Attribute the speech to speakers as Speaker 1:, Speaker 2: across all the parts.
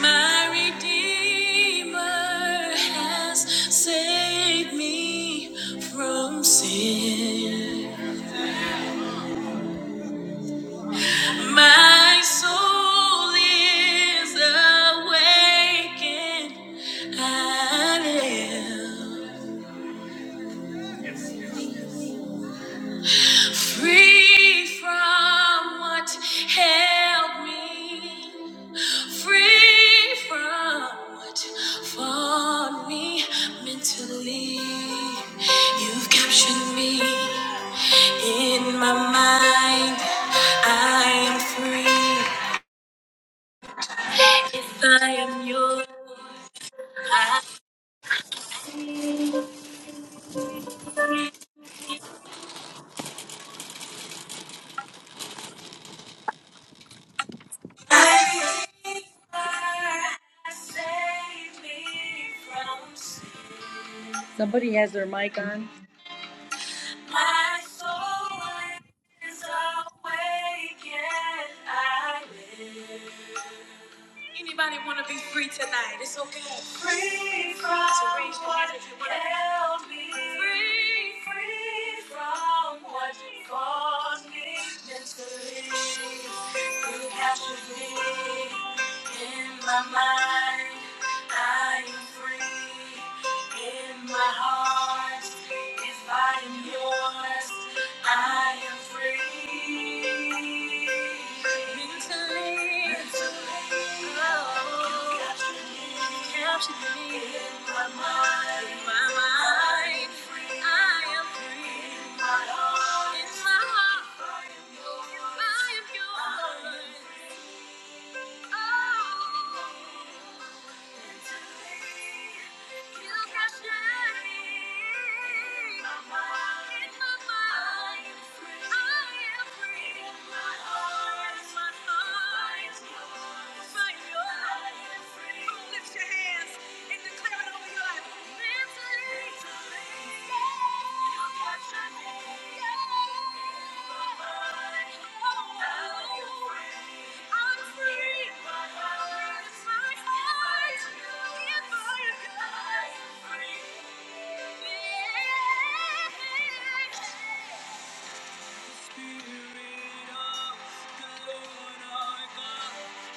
Speaker 1: My Redeemer has saved me from sin. My soul is awakened. I am free from what held me Free from what fought me mentally. You've captured me in my mind. I am free. I am yours. I am free. Save me from sin. My soul is awake and I live. Anybody want to be free tonight? It's okay. Free from so raise your what hand if you want to held me. Free, free from what caused me mentally. You captured me in my mind. I am free in my heart. If I am yours, I am free. Mentally, mentally, oh, you captured me in my mind. In my mind, I am free. In my heart, in my heart, if I am yours, I am yours. Lift your hands and declare it over your life. Mentally, Spirit of the Lord our God,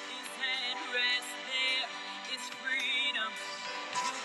Speaker 1: His hand rests there, is freedom. Thank you.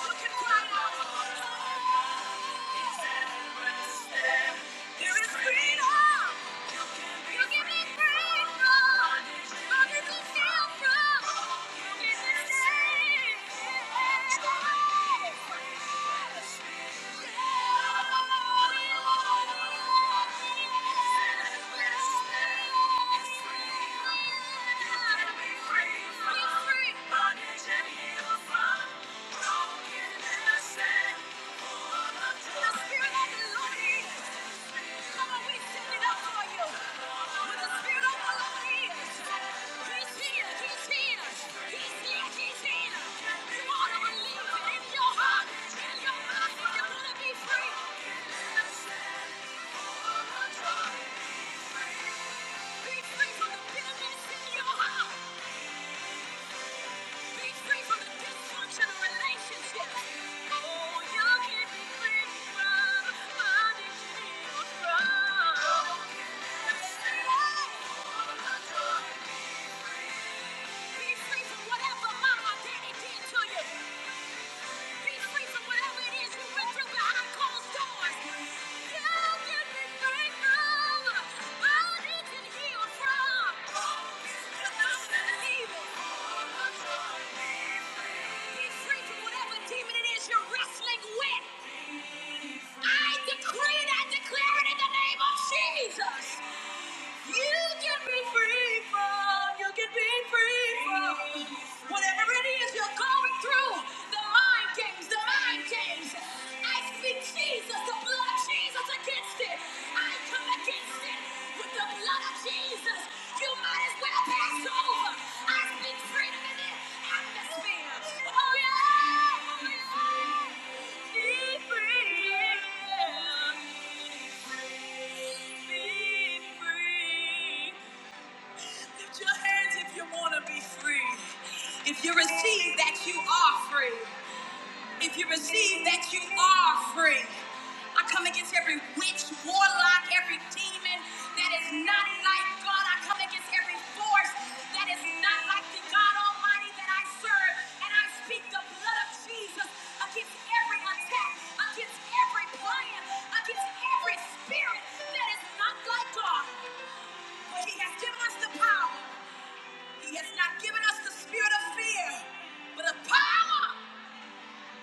Speaker 1: Look at what I know. Free. from Bondage and heal from broken innocence. Be free from the bitterness in your heart. Be free from the dysfunctional relationship. Oh, you can be free from addiction or from. Be free from whatever mama daddy did to you. You're wrestling with. I decree and declare it in the name of Jesus. You can be free from, you can be free from whatever it is you're going through. The mind games, the mind games. I speak Jesus, the blood of Jesus against it. I come against it with the blood of Jesus. Jesus, you might as well pass over. I speak freedom in this atmosphere. Oh yeah, oh yeah. Be free. Be free. Lift your hands if you want to be free. If you receive that, you are free. If you receive that, you are free. I come against every witch, warlock, every demon that is not like God. I come against every force that is not like the God Almighty that I serve. And I speak the blood of Jesus against every attack, against every plan, against every spirit that is not like God. For He has given us the power. He has not given us the spirit of fear, but of power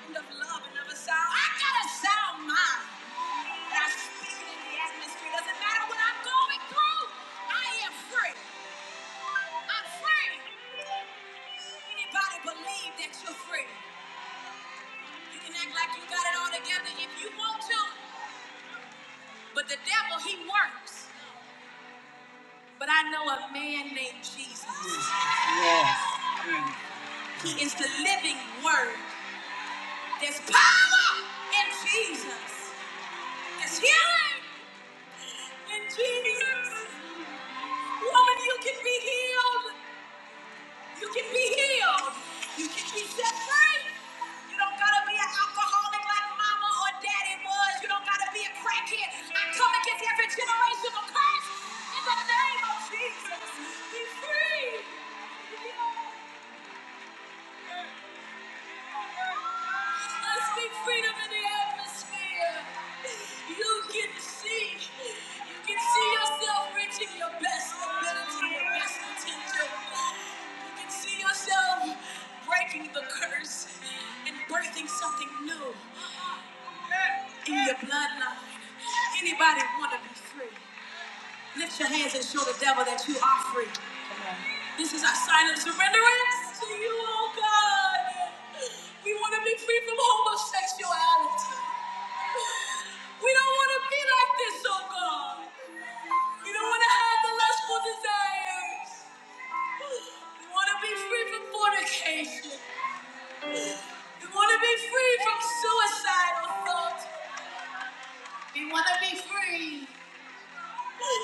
Speaker 1: of love and of a sound. I got a sound mind. And I speak it in the atmosphere. Doesn't matter what I'm going through. I am free. I'm free. Anybody believe that you're free? You can act like you got it all together if you want to. But the devil, he works. But I know a man named Jesus. He is the living word. There's power in Jesus. There's healing in Jesus. Woman, you can be healed. You can be healed. You can be set free. You don't gotta be an alcoholic like mama or daddy was. You don't gotta be a crackhead. I come against every generation of curse in the name of Jesus. Be free. I speak freedom in the atmosphere. You can see, you can see yourself reaching your best ability, your best potential. You can see yourself breaking the curse and birthing something new in your bloodline. Anybody want to be free? Lift your hands and show the devil that you are free. This is our sign of surrenderance to you, oh God. We want to be free from homosexuality. We don't want to be like this, oh God. We don't want to have the lustful desires. We want to be free from fornication. We want to be free from suicidal thoughts. We want to be free. Cry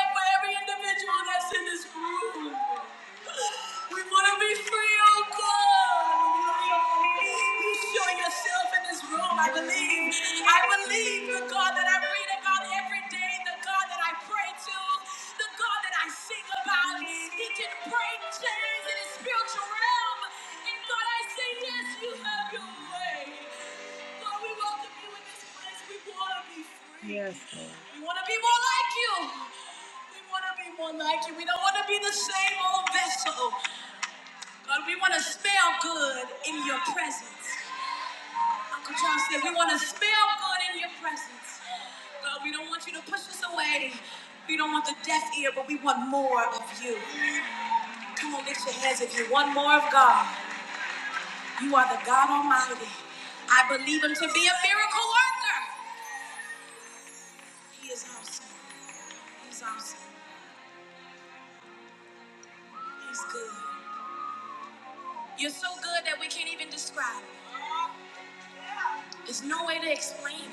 Speaker 1: out for every individual that's in this room. We want to be free, oh God. You show yourself in this room. I believe. I believe the God that I read about every day, the God that I pray to, the God that I sing about. He can break chains in his spiritual realm. And God, I say yes, you have your way. Lord, we welcome you in this place. We want to be free. Yes. We want to be more like you. We want to be more like you. We don't want to be the same old vessel. God, we want to smell good in your presence. Uncle John said, we want to smell good in your presence. God, we don't want you to push us away. We don't want the deaf ear, but we want more of you. Come on, lift your hands if you want more of God. You are the God Almighty. I believe him to be a miracle worker. He is awesome. He's awesome. He's good. You're so good that we can't even describe it. There's no way to explain it.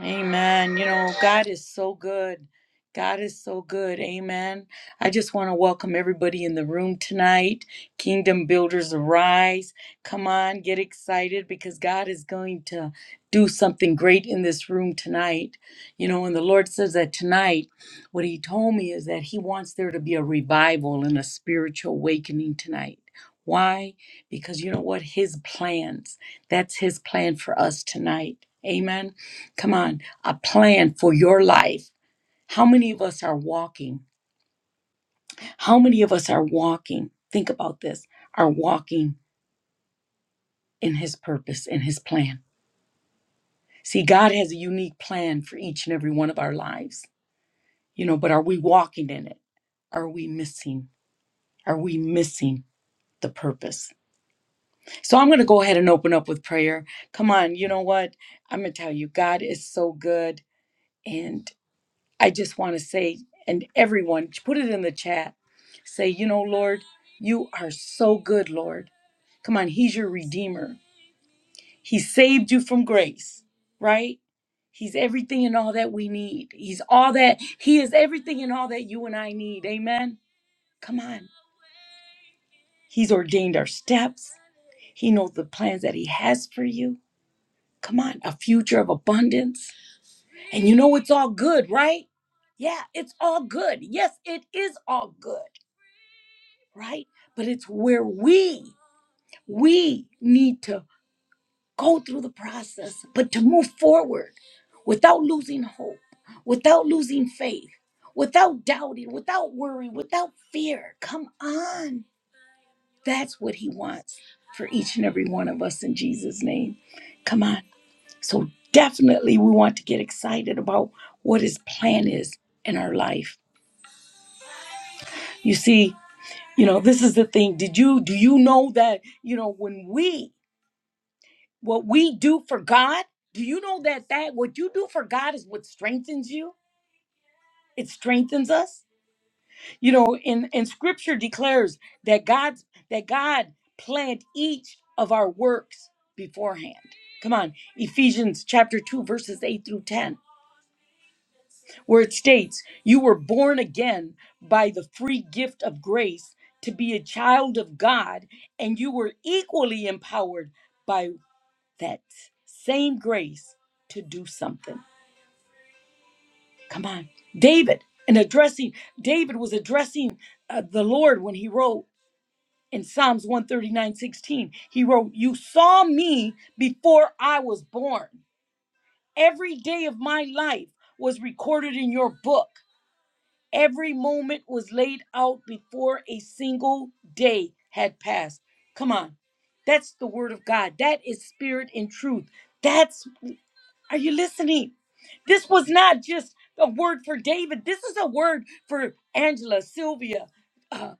Speaker 1: Amen. You know, God is so good. God is so good. Amen. I just want to welcome everybody in the room tonight. Kingdom Builders Arise. Come on, get excited because God is going to do something great in this room tonight. You know, and the Lord says that tonight, what He told me is that He wants there to be a revival and a spiritual awakening tonight. Why? Because you know what? His plans. That's His plan for us tonight. Amen. Come on, a plan for your life. How many of us are walking? How many of us are walking? Think about this are walking in His purpose, in His plan. See, God has a unique plan for each and every one of our lives, you know, but are we walking in it? Are we missing? Are we missing the purpose? So I'm going to go ahead and open up with prayer. Come on, you know what? I'm going to tell you, God is so good. And I just want to say, and everyone, put it in the chat Say, you know, Lord, you are so good, Lord. Come on, He's your Redeemer. He saved you from grace, right? He's everything and all that we need. He's all that, He is everything and all that you and I need. Amen. Come on. He's ordained our steps, He knows the plans that He has for you. Come on, a future of abundance. And you know, it's all good, right? Yeah, it's all good. Yes, it is all good, right? But it's where we we need to go through the process, but to move forward without losing hope, without losing faith, without doubting, without worrying, without fear. Come on. That's what he wants for each and every one of us in Jesus' name. Come on. So, definitely, we want to get excited about what his plan is in our life. You see, you know, this is the thing. Did you, do you know that, you know, when we What we do for God, do you know that that what you do for God is what strengthens you? It strengthens us. You know, in and scripture declares that God that God planned each of our works beforehand. Come on, Ephesians chapter 2 verses 8 through 10, where it states, "You were born again by the free gift of grace to be a child of God, and you were equally empowered by that same grace to do something." Come on. David, and addressing, David was addressing uh, the Lord when he wrote in Psalms one thirty nine sixteen. He wrote, You saw me before I was born. Every day of my life was recorded in your book. Every moment was laid out before a single day had passed. Come on. That's the word of God. That is spirit and truth. That's are you listening? This was not just a word for David. This is a word for Angela, Sylvia, uh,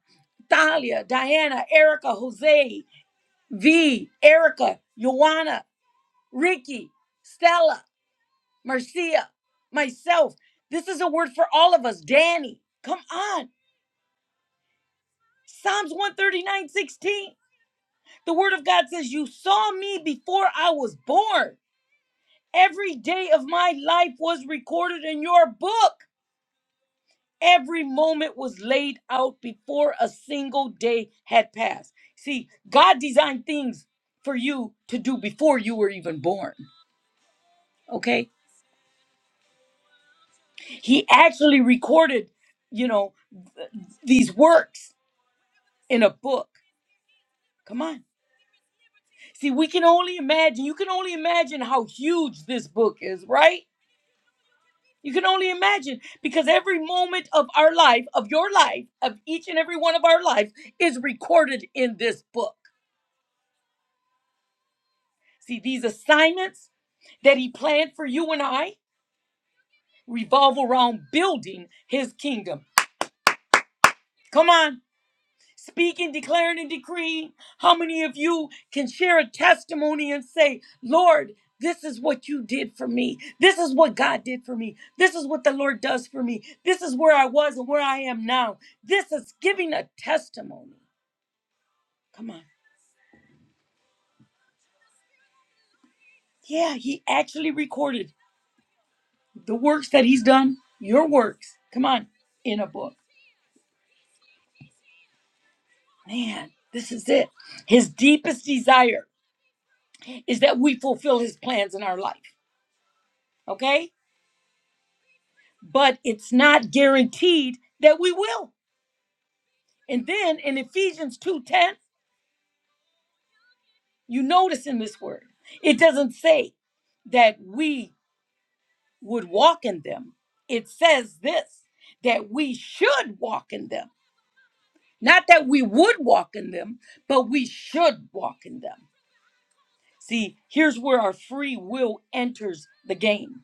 Speaker 1: Thalia, Diana, Erica, Jose, V, Erica, Joanna, Ricky, Stella, Marcia, myself. This is a word for all of us. Danny, come on. Psalms one thirty nine sixteen. The word of God says, You saw me before I was born. Every day of my life was recorded in your book. Every moment was laid out before a single day had passed. See, God designed things for you to do before you were even born. Okay? He actually recorded, you know, these works in a book. Come on. See, we can only imagine. You can only imagine how huge this book is, right? You can only imagine because every moment of our life, of your life, of each and every one of our lives is recorded in this book. See, these assignments that he planned for you and I revolve around building his kingdom. Come on, speaking, declaring, and decreeing. How many of you can share a testimony and say, Lord, this is what you did for me. This is what God did for me. This is what the Lord does for me. This is where I was and where I am now. This is giving a testimony. Come on. Yeah, he actually recorded the works that he's done, your works. Come on, in a book. Man, this is it. His deepest desire is that we fulfill his plans in our life, okay? But it's not guaranteed that we will. And then in Ephesians 2:10, you notice in this word, it doesn't say that we would walk in them. It says this, that we should walk in them. Not that we would walk in them, but we should walk in them. See, here's where our free will enters the game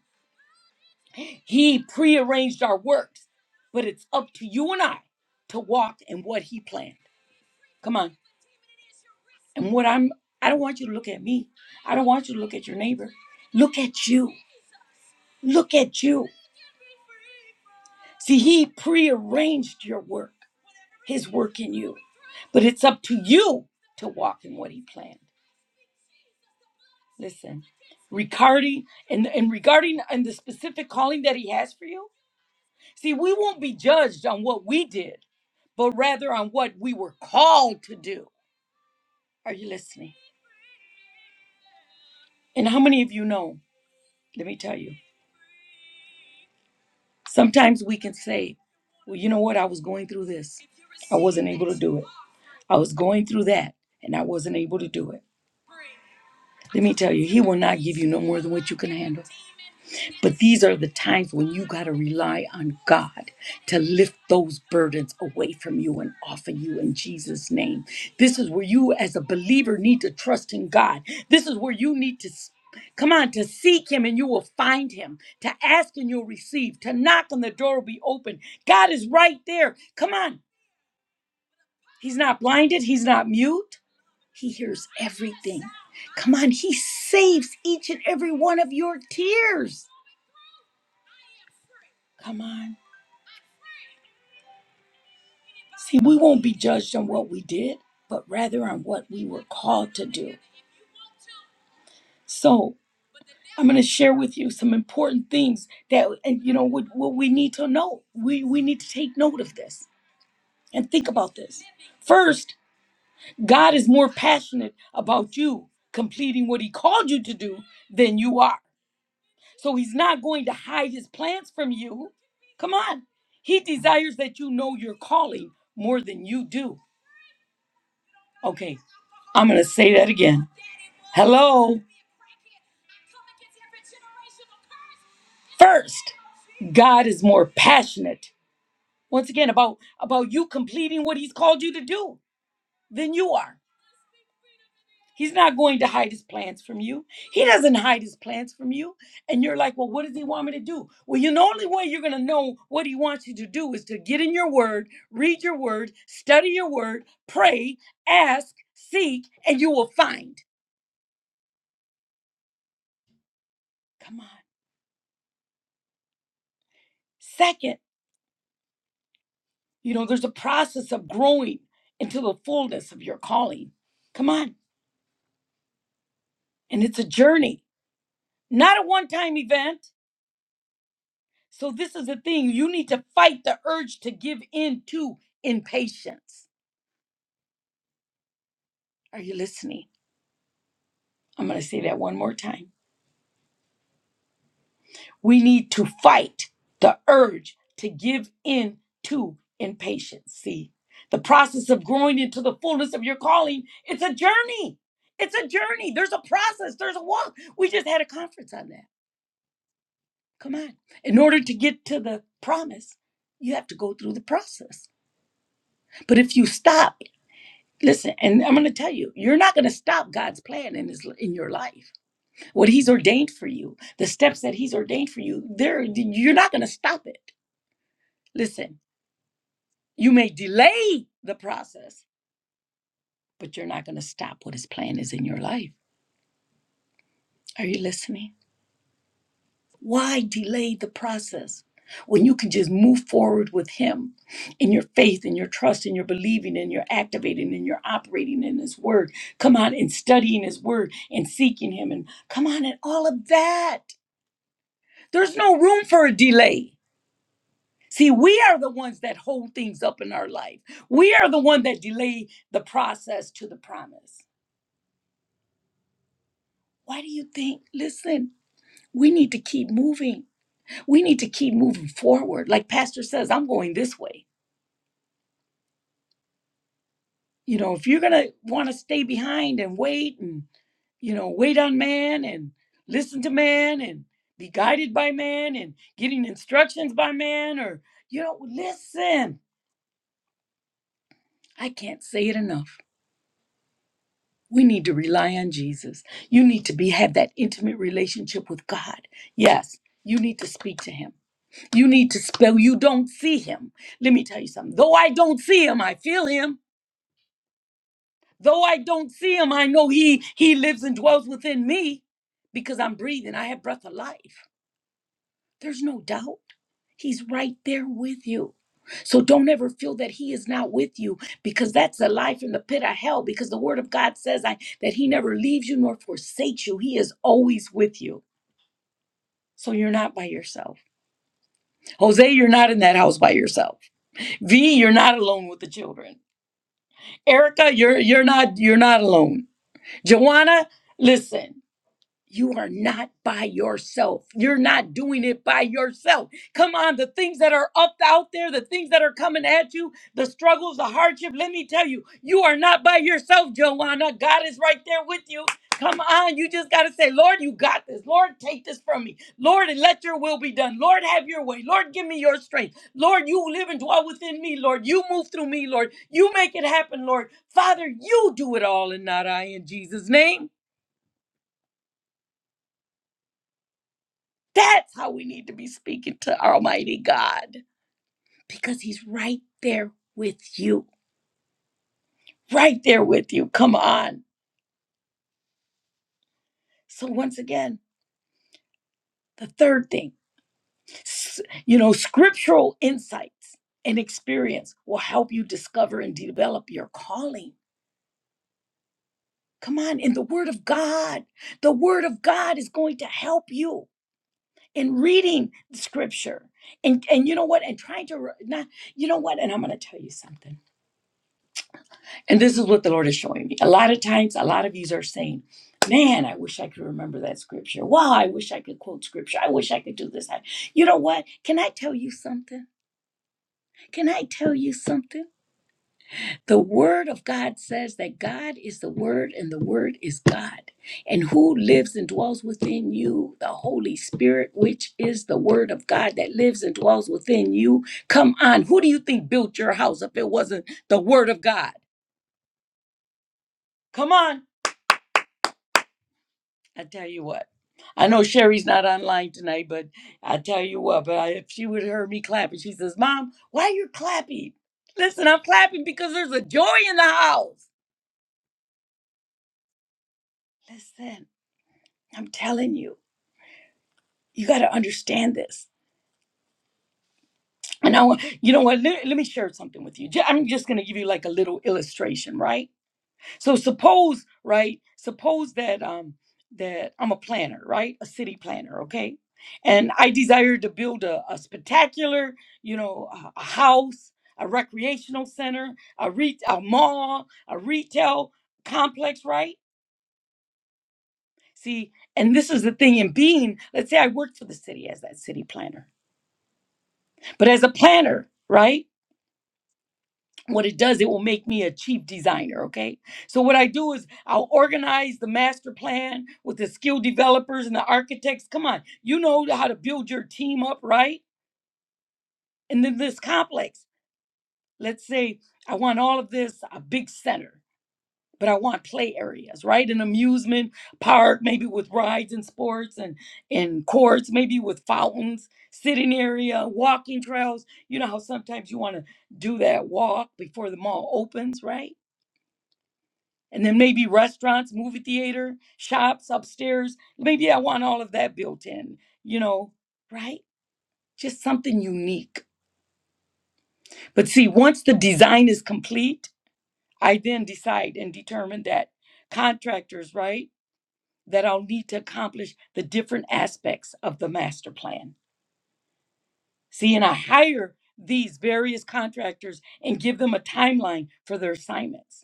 Speaker 1: He prearranged our works, but it's up to you and I to walk in what he planned. Come on. And what I'm I don't want you to look at me. I don't want you to look at your neighbor. Look at you. Look at you. See, he prearranged your work, his work in you. But it's up to you to walk in what he planned. Listen, regarding and, and regarding and the specific calling that he has for you, see, we won't be judged on what we did but rather on what we were called to do. Are you listening? And how many of you know? Let me tell you. Sometimes we can say, well, you know what? I was going through this. I wasn't able to do it. I was going through that and I wasn't able to do it. Let me tell you, He will not give you no more than what you can handle. But these are the times when you got to rely on God to lift those burdens away from you and off of you in Jesus' name. This is where you, as a believer, need to trust in God. This is where you need to. s- Come on, to seek him and you will find him. To ask and you'll receive. To knock and the door will be open. God is right there. Come on. He's not blinded. He's not mute. He hears everything. Come on. He saves each and every one of your tears. Come on. See, we won't be judged on what we did, but rather on what we were called to do. So, I'm going to share with you some important things that, and you know, what, what we need to know. We, we need to take note of this and think about this. First, God is more passionate about you completing what He called you to do than you are. So, He's not going to hide His plans from you. Come on. He desires that you know your calling more than you do. Okay, I'm going to say that again. Hello. First, God is more passionate once again about about you completing what he's called you to do than you are. He's not going to hide his plans from you. He doesn't hide his plans from you. And you're like, well, what does he want me to do? Well, you know, the only way you're going to know what he wants you to do is to get in your word, read your word, study your word, pray, ask, seek, and you will find. Come on. Second, You know, there's a process of growing into the fullness of your calling. Come on. And it's a journey, not a one time event. So, this is the thing you need to fight the urge to give in to impatience. Are you listening? I'm going to say that one more time. We need to fight the urge to give in to impatience. See, the process of growing into the fullness of your calling, it's a journey. It's a journey. There's a process, there's a walk. We just had a conference on that Come on. In order to get to the promise, you have to go through the process. But if you stop, listen, and I'm going to tell you, you're not going to stop God's plan in his in your life. What he's ordained for you, the steps that he's ordained for you, there you're not going to stop it. Listen, you may delay the process, but you're not going to stop what his plan is in your life. Are you listening? Why delay the process when you can just move forward with Him in your faith and your trust and your believing and your activating and your operating in His Word? Come on and studying His Word and seeking Him and come on and all of that. There's no room for a delay. See, we are the ones that hold things up in our life. We are the one that delay the process to the promise. Why do you think? Listen, we need to keep moving. We need to keep moving forward. Like Pastor says, I'm going this way. you know, if you're gonna want to stay behind and wait and you know wait on man and listen to man and be guided by man and getting instructions by man or you know listen i can't say it enough we need to rely on jesus you need to be have that intimate relationship with god yes you need to speak to him you need to spell you don't see him let me tell you something though i don't see him i feel him Though I don't see him, I know he he lives and dwells within me because I'm breathing. I have breath of life. There's no doubt. He's right there with you. So don't ever feel that he is not with you because that's a life in the pit of hell because the word of God says I, that he never leaves you nor forsakes you. He is always with you. So you're not by yourself. Jose, you're not in that house by yourself. V, you're not alone with the children. Erica, you're you're not you're not alone. Joanna, listen. You are not by yourself. You're not doing it by yourself. Come on, the things that are up out there, the things that are coming at you, the struggles, the hardship. Let me tell you, you are not by yourself, Joanna. God is right there with you. Come on, you just got to say, Lord, you got this. Lord, take this from me. Lord, and let your will be done. Lord, have your way. Lord, give me your strength. Lord, you live and dwell within me, Lord. You move through me, Lord. You make it happen, Lord. Father, you do it all and not I in Jesus' name. That's how we need to be speaking to Almighty God because He's right there with you, right there with you. Come on. So, once again, the third thing, s- you know, scriptural insights and experience will help you discover and develop your calling. Come on, in the Word of God, the Word of God is going to help you in reading the Scripture, and and you know what, and trying to re- not, you know what, and I'm going to tell you something And this is what the Lord is showing me. A lot of times, a lot of you are saying, Man, I wish I could remember that scripture. Wow, I wish I could quote scripture. I wish I could do this. I- You know what? Can I tell you something? Can I tell you something? The Word of God says that God is the Word and the Word is God. And who lives and dwells within you? The Holy Spirit, which is the Word of God that lives and dwells within you. Come on. Who do you think built your house if it wasn't the Word of God? Come on. I tell you what. I know Sherry's not online tonight, but I tell you what, but I, if she would hear me clapping, she says, Mom, why are you clapping? Listen, I'm clapping because there's a joy in the house. Listen, I'm telling you, you got to understand this. And I want, you know what? Let, let me share something with you. Ju- I'm just going to give you like a little illustration, right? So suppose, right? Suppose that um that I'm a planner, right? A city planner, okay? And I desire to build a, a spectacular, you know, a, a house, a recreational center, a re- a mall, a retail complex, right? See, and this is the thing in being, let's say I worked for the city as that city planner. But as a planner, right? what it does, it will make me a chief designer. Okay. So, what I do is I'll organize the master plan with the skill developers and the architects. Come on, you know how to build your team up, right? And then this complex, let's say I want all of this, a big center, but I want play areas, right? An amusement park, maybe with rides and sports and, and courts, maybe with fountains, sitting area, walking trails. You know how sometimes you want to do that walk before the mall opens, right? and then maybe restaurants, movie theater, shops upstairs. Maybe I want all of that built in, you know, right? Just something unique. But see, once the design is complete, I then decide and determine that contractors, right, that I'll need to accomplish the different aspects of the master plan. See, and I hire these various contractors and give them a timeline for their assignments.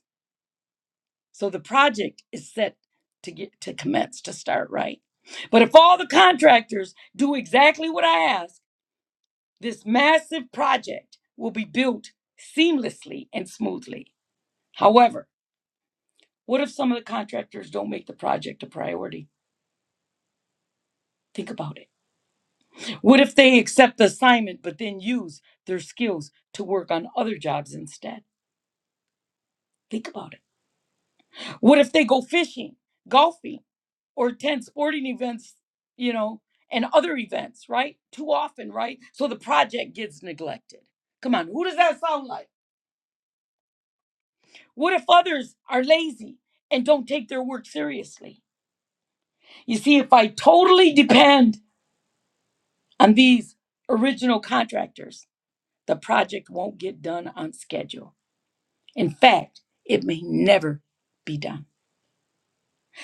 Speaker 1: So the project is set to get to commence to start right. But if all the contractors do exactly what I ask, this massive project will be built seamlessly and smoothly. However, what if some of the contractors don't make the project a priority? Think about it. What if they accept the assignment but then use their skills to work on other jobs instead? Think about it. What if they go fishing, golfing, or attend sporting events, you know, and other events, right? Too often, right? So the project gets neglected. Come on, who does that sound like? What if others are lazy and don't take their work seriously? You see, if I totally depend on these original contractors, the project won't get done on schedule. In fact, it may never be done.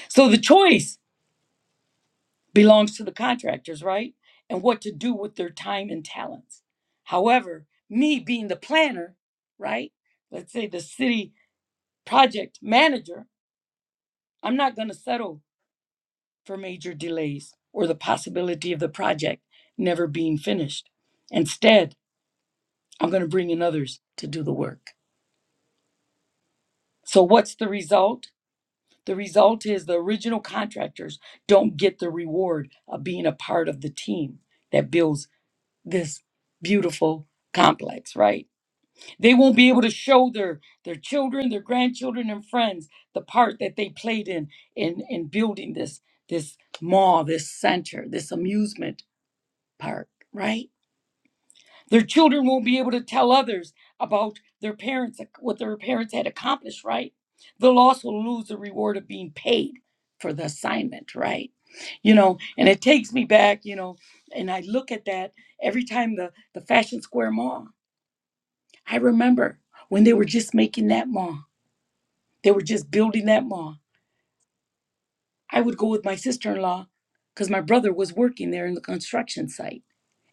Speaker 1: So the choice belongs to the contractors, right? And what to do with their time and talents. However, me being the planner, right? Let's say the city project manager, I'm not going to settle for major delays or the possibility of the project never being finished. Instead, I'm going to bring in others to do the work. So, what's the result? The result is the original contractors don't get the reward of being a part of the team that builds this beautiful complex, right? They won't be able to show their their children, their grandchildren and friends the part that they played in in in building this this mall, this center, this amusement park, right? Their children won't be able to tell others about their parents what their parents had accomplished, right? They'll also lose the reward of being paid for the assignment, right? You know, and it takes me back, you know, and I look at that every time the the Fashion Square Mall I remember when they were just making that mall, they were just building that mall. I would go with my sister in law because my brother was working there in the construction site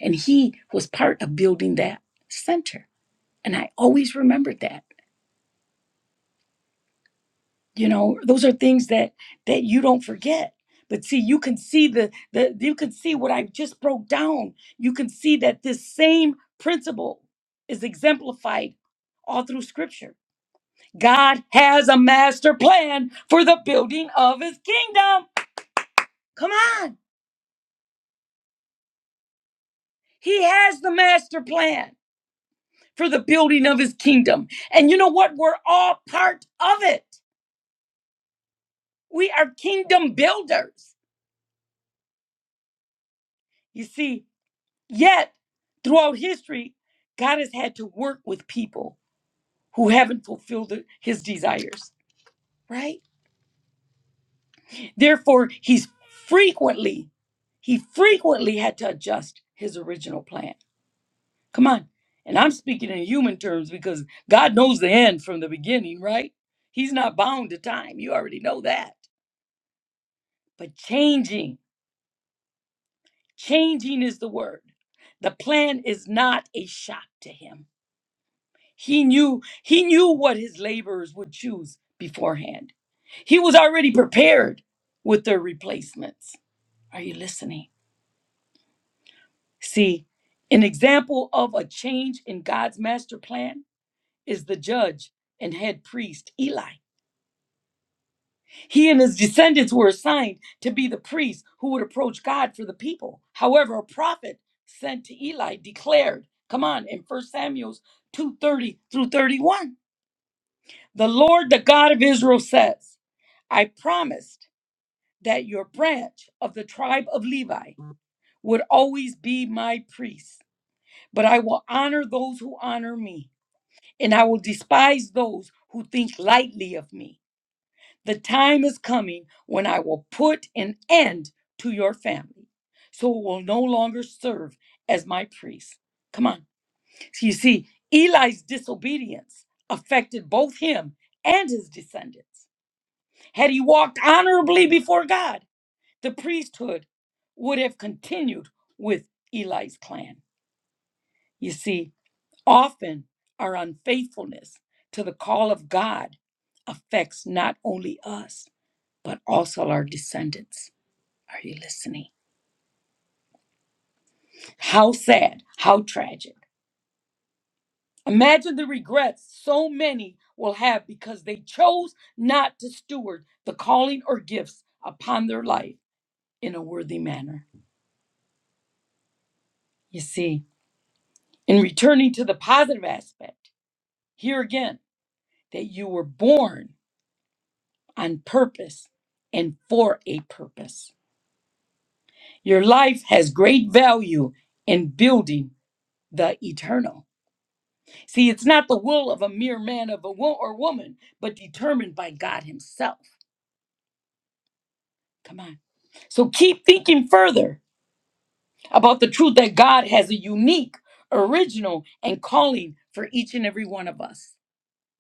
Speaker 1: and he was part of building that center. And I always remembered that. You know, those are things that that you don't forget. But see, you can see the, the you can see what I just broke down. You can see that this same principle is exemplified all through scripture God has a master plan for the building of his kingdom. Come on. He has the master plan for the building of his kingdom. And you know what? We're all part of it. We are kingdom builders. You see, yet throughout history, God has had to work with people who haven't fulfilled the- his desires, right? Therefore, he's frequently, he frequently had to adjust his original plan. Come on. And I'm speaking in human terms because God knows the end from the beginning, right? He's not bound to time. You already know that. But changing, changing is the word. The plan is not a shock to him. He knew he knew what his laborers would choose beforehand. He was already prepared with their replacements. Are you listening? See, an example of a change in God's master plan is the judge and head priest Eli. He and his descendants were assigned to be the priests who would approach God for the people. However, a prophet sent to Eli declared, come on, in First Samuel 2:30 through 31. The Lord, the God of Israel says, I promised that your branch of the tribe of Levi would always be my priests, but I will honor those who honor me, and I will despise those who think lightly of me. The time is coming when I will put an end to your family, so it will no longer serve as my priest. Come on. So you see, Eli's disobedience affected both him and his descendants. Had he walked honorably before God, the priesthood would have continued with Eli's clan. You see, often our unfaithfulness to the call of God affects not only us but also our descendants. Are you listening? How sad, how tragic. Imagine the regrets so many will have because they chose not to steward the calling or gifts upon their life in a worthy manner. You see, in returning to the positive aspect, here again, that you were born on purpose and for a purpose. Your life has great value in building the eternal. See, it's not the will of a mere man of a wo- or woman, but determined by God Himself. Come on. So keep thinking further about the truth that God has a unique, original, and calling for each and every one of us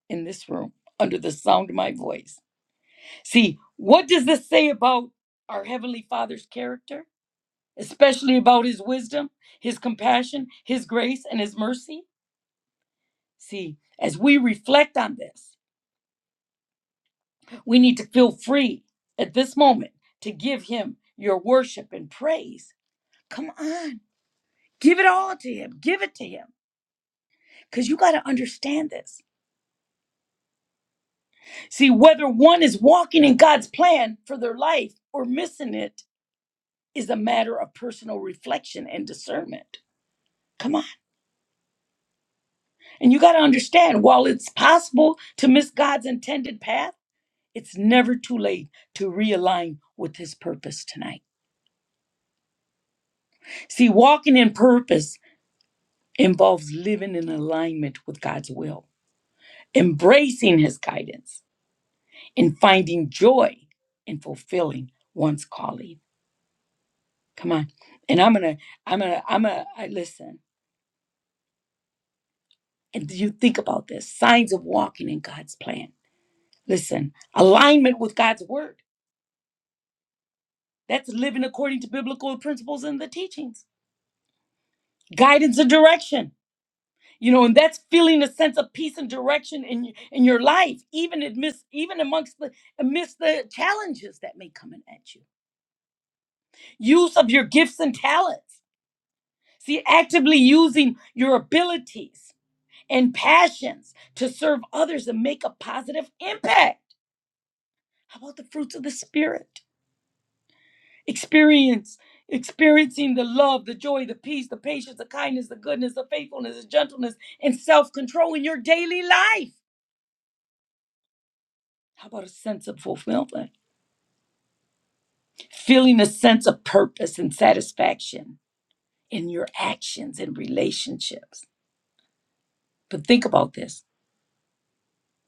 Speaker 1: in this room under the sound of my voice. See, what does this say about our Heavenly Father's character, especially about His wisdom, His compassion, His grace, and His mercy? See, as we reflect on this, We need to feel free at this moment to give him your worship and praise. Come on. Give it all to him. Give it to him. Because you got to understand this. See, whether one is walking in God's plan for their life or missing it is a matter of personal reflection and discernment. Come on. And you got to understand while it's possible to miss God's intended path, it's never too late to realign with his purpose tonight. See, walking in purpose involves living in alignment with God's will, embracing His guidance, and finding joy in fulfilling one's calling. Come on, and I'm gonna, I'm gonna, I'm gonna listen. And you think about this: signs of walking in God's plan. Listen, alignment with God's word. That's living according to biblical principles and the teachings, guidance and direction you know and that's feeling a sense of peace and direction in y- in your life even amidst even amongst the amidst the challenges that may coming at you use of your gifts and talents see actively using your abilities and passions to serve others and make a positive impact how about the fruits of the spirit experience experiencing the love the joy the peace the patience the kindness the goodness the faithfulness the gentleness and self-control in your daily life how about a sense of fulfillment feeling a sense of purpose and satisfaction in your actions and relationships. But think about this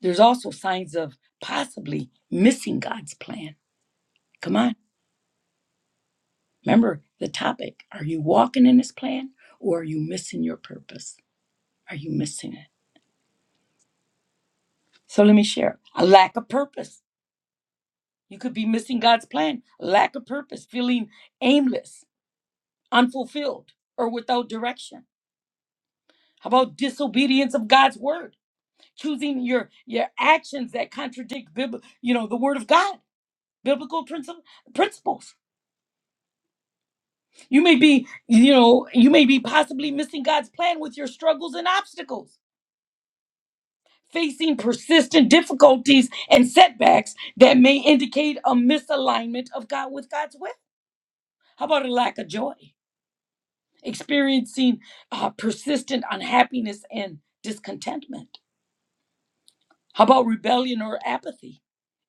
Speaker 1: there's also signs of possibly missing God's plan. Come on, remember the topic. Are you walking in His plan or are you missing your purpose? Are you missing it? So let me share a lack of purpose. You could be missing God's plan, lack of purpose, feeling aimless, unfulfilled, or without direction. How about disobedience of God's word? choosing your your actions that contradict bib, you know the word of god biblical principle principles you may be you know you may be possibly missing god's plan with your struggles and obstacles facing persistent difficulties and setbacks that may indicate a misalignment of god with god's will how about a lack of joy experiencing uh, persistent unhappiness and discontentment How about rebellion or apathy?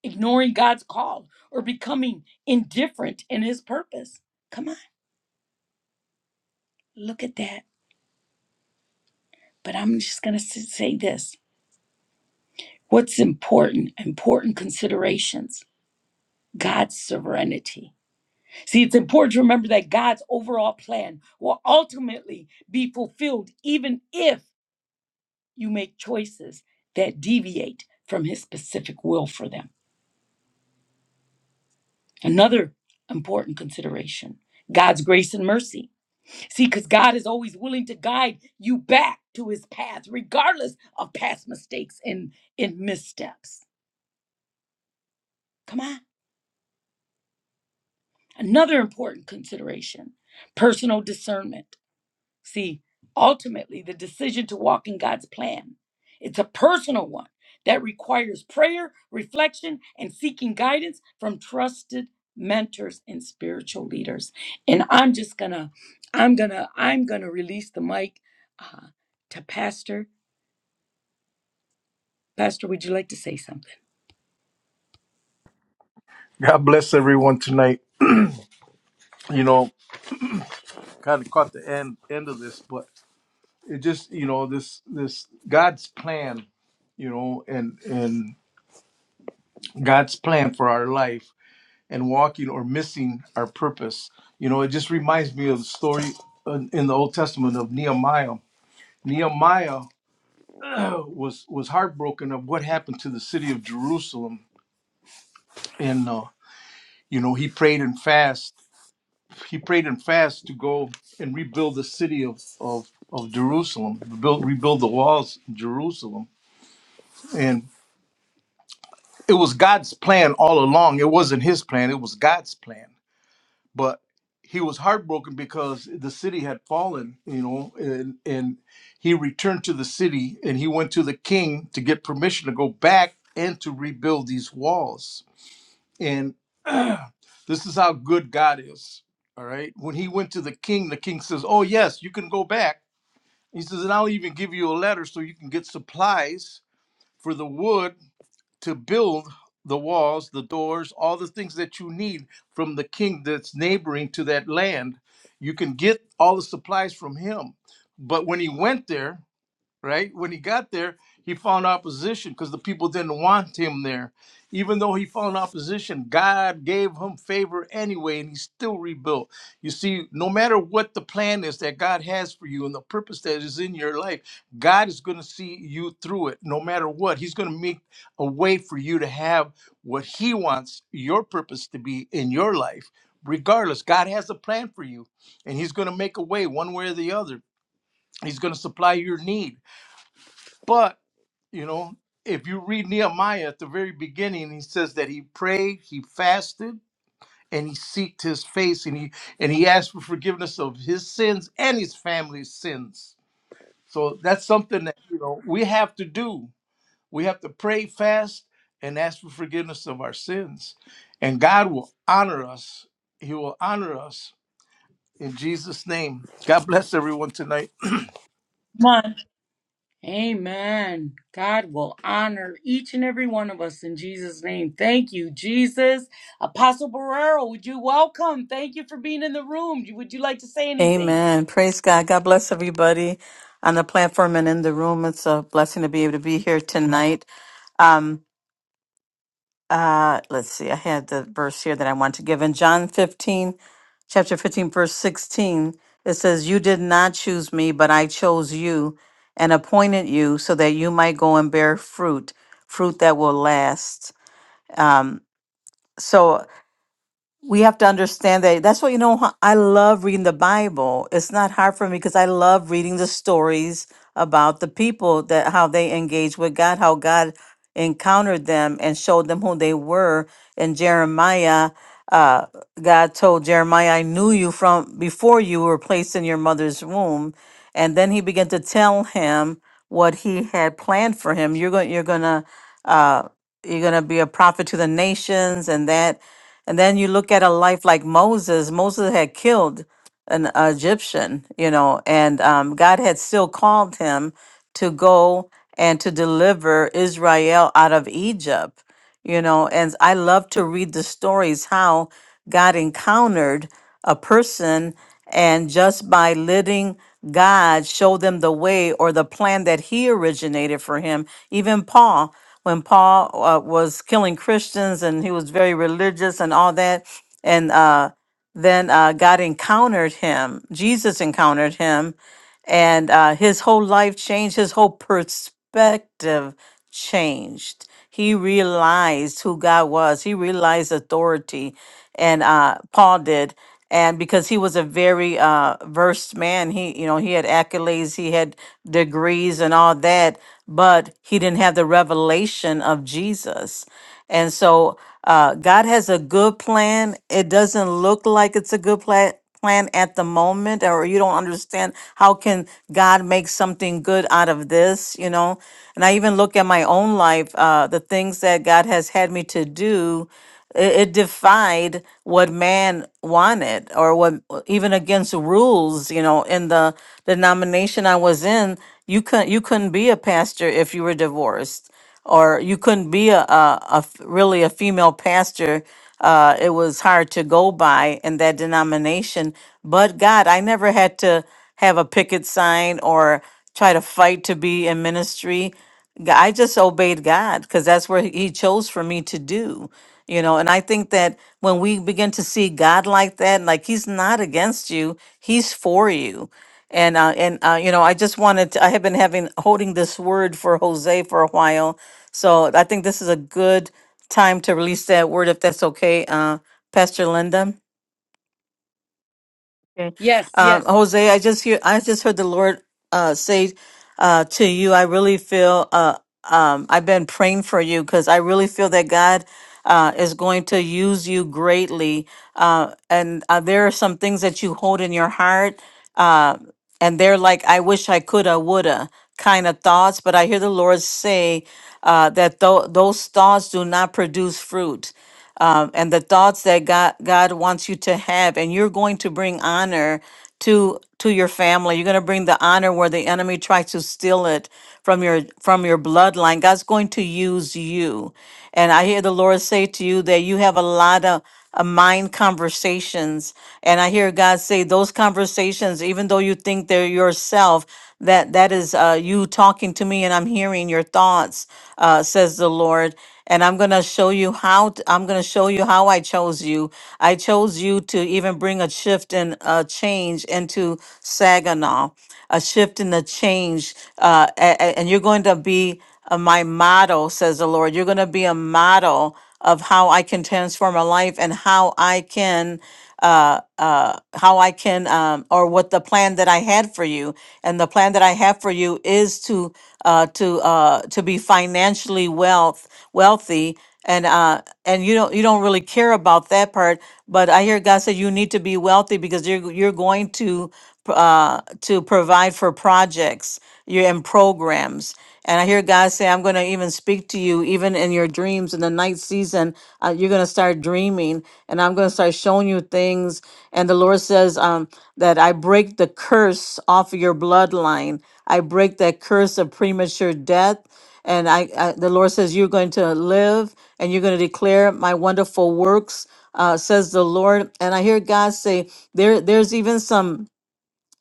Speaker 1: Ignoring God's call or becoming indifferent in his purpose? Come on, look at that. But I'm just going to say this what's important, important considerations. God's sovereignty. See, it's important to remember that God's overall plan will ultimately be fulfilled even if you make choices that deviate from his specific will for them. Another important consideration God's grace and mercy. See, because God is always willing to guide you back to his path, regardless of past mistakes and, and missteps. Come on. Another important consideration personal discernment. See, ultimately, the decision to walk in God's plan, it's a personal one that requires prayer, reflection, and seeking guidance from trusted mentors and spiritual leaders. And I'm just gonna, I'm gonna, I'm gonna release the mic uh, to Pastor Pastor, would you like to say something?
Speaker 2: God bless everyone tonight. You know, kind of caught the end end of this, but it just you know this this God's plan, you know, and and God's plan for our life and walking or missing our purpose. You know, it just reminds me of the story in in the Old Testament of Nehemiah. Nehemiah was was heartbroken of what happened to the city of Jerusalem, and uh, you know he prayed and fasted he prayed and fasted to go and rebuild the city of of, of Jerusalem, build, rebuild the walls of Jerusalem, and it was God's plan all along. It wasn't his plan; it was God's plan. But he was heartbroken because the city had fallen, you know, and and he returned to the city and he went to the king to get permission to go back and to rebuild these walls. And this is how good God is. All right. When he went to the king, the king says, "Oh yes, you can go back." He says, and I'll even give you a letter so you can get supplies for the wood to build the walls, the doors, all the things that you need from the king that's neighboring to that land. You can get all the supplies from him. But when he went there, right? When he got there, he found opposition because the people didn't want him there. Even though he found opposition, God gave him favor anyway, and he still rebuilt. You see, no matter what the plan is that God has for you and the purpose that is in your life, God is going to see you through it no matter what. He's going to make a way for you to have what he wants your purpose to be in your life. Regardless, God has a plan for you, and He's going to make a way one way or the other. He's going to supply your need but, you know, if you read Nehemiah at the very beginning, he says that he prayed, he fasted, and he seeked his face and he and he asked for forgiveness of his sins and his family's sins. So that's something that you know we have to do. We have to pray fast and ask for forgiveness of our sins. And God will honor us. He will honor us in Jesus' name. God bless everyone tonight.
Speaker 1: Come on. Amen. God will honor each and every one of us in Jesus' name. Thank you, Jesus. Apostle Barrero, would you welcome? Thank you for being in the room. Would you like to say anything?
Speaker 3: Amen. Praise God. God bless everybody on the platform and in the room. It's a blessing to be able to be here tonight. Um, uh, let's see. I had the verse here that I want to give in John 15, chapter 15, verse 16. It says, You did not choose me, but I chose you and appointed you so that you might go and bear fruit, fruit that will last. Um, so we have to understand that that's what you know huh, i love reading the bible it's not hard for me because i love reading the stories about the people that how they engaged with god how god encountered them and showed them who they were and jeremiah uh, god told jeremiah i knew you from before you were placed in your mother's womb and then he began to tell him what he had planned for him you're going you're going to uh, you're going to be a prophet to the nations and that and then you look at a life like Moses. Moses had killed an Egyptian, you know, and um, God had still called him to go and to deliver Israel out of Egypt you know and i love to read the stories how god encountered a person and just by letting god show them the way or the plan that he originated for him even paul when paul uh, was killing christians and he was very religious and all that and uh, then uh, god encountered him jesus encountered him and uh, his whole life changed, his whole perspective changed. He realized who God was, he realized authority, and uh, Paul did. And because he was a very uh, versed man, he you know he had accolades, he had degrees and all that, but he didn't have the revelation of Jesus. And so uh, God has a good plan. It doesn't look like it's a good plan plan at the moment or you don't understand how can god make something good out of this you know and i even look at my own life uh, the things that god has had me to do it, it defied what man wanted or what even against rules you know in the denomination i was in you couldn't you couldn't be a pastor if you were divorced or you couldn't be a, a, a f- really a female pastor. Uh, it was hard to go by in that denomination. But God, I never had to have a picket sign or try to fight to be in ministry. G- I just obeyed God because that's where He chose for me to do. You know, and I think that when we begin to see God like that, like He's not against you, He's for you. And uh, and uh, you know, I just wanted to, I have been having holding this word for Jose for a while, so I think this is a good time to release that word if that's okay, uh, Pastor Linda. Okay.
Speaker 1: Yes,
Speaker 3: Um,
Speaker 1: yes.
Speaker 3: Jose, I just hear I just heard the Lord uh say uh to you, I really feel uh um I've been praying for you because I really feel that God uh is going to use you greatly. Uh and uh, there are some things that you hold in your heart uh and they're like I wish I coulda woulda kind of thoughts, but I hear the Lord say uh, that tho- those thoughts do not produce fruit. Um, and the thoughts that God, God wants you to have, and you're going to bring honor to to your family. You're going to bring the honor where the enemy tries to steal it from your from your bloodline. God's going to use you. And I hear the Lord say to you that you have a lot of uh, mind conversations. And I hear God say those conversations, even though you think they're yourself, that that is uh, you talking to me, and I'm hearing your thoughts, uh, says the Lord. And I'm gonna show you how. t- I'm gonna show you how I chose you. I chose you to even bring a shift and a change into Saginaw, a shift and a change, uh, a- a- and you're going to be of my model, says the Lord. You're going to be a model of how I can transform a life and how I can, uh, uh, how I can, um, or what the plan that I had for you. And the plan that I have for you is to, uh, to, uh, to be financially wealth, wealthy. And, uh, and you don't, you don't really care about that part, but I hear God say you need to be wealthy because you're, you're going to, uh, to provide for projects, you're in programs. And I hear God say, I'm going to even speak to you, even in your dreams in the night season. Uh, you're going to start dreaming, and I'm going to start showing you things. And the Lord says um, that I break the curse off of your bloodline, I break that curse of premature death. And I, I, the Lord says, You're going to live and you're going to declare my wonderful works, uh, says the Lord. And I hear God say, there, There's even some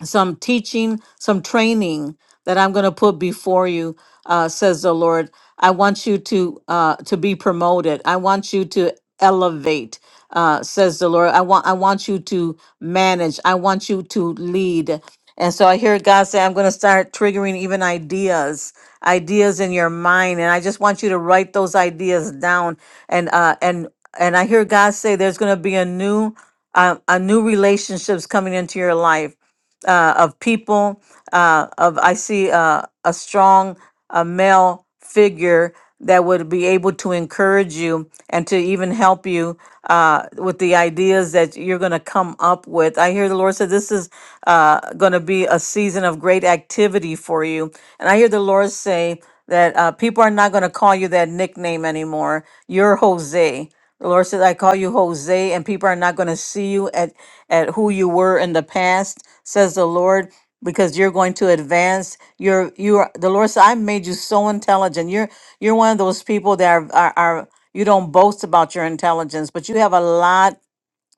Speaker 3: some teaching, some training that I'm going to put before you, uh, says the Lord. I want you to uh, to be promoted. I want you to elevate, uh, says the Lord. I want I want you to manage. I want you to lead. And so I hear God say, I'm going to start triggering even ideas, ideas in your mind, and I just want you to write those ideas down. And uh, and and I hear God say, there's going to be a new uh, a new relationships coming into your life uh, of people. Uh, of I see uh, a strong uh, male figure that would be able to encourage you and to even help you uh, with the ideas that you're going to come up with. I hear the Lord said this is uh, going to be a season of great activity for you, and I hear the Lord say that uh, people are not going to call you that nickname anymore. You're Jose. The Lord says, I call you Jose, and people are not going to see you at, at who you were in the past, says the Lord, because you're going to advance. You're you are the Lord said, I made you so intelligent. You're you're one of those people that are, are, are you don't boast about your intelligence, but you have a lot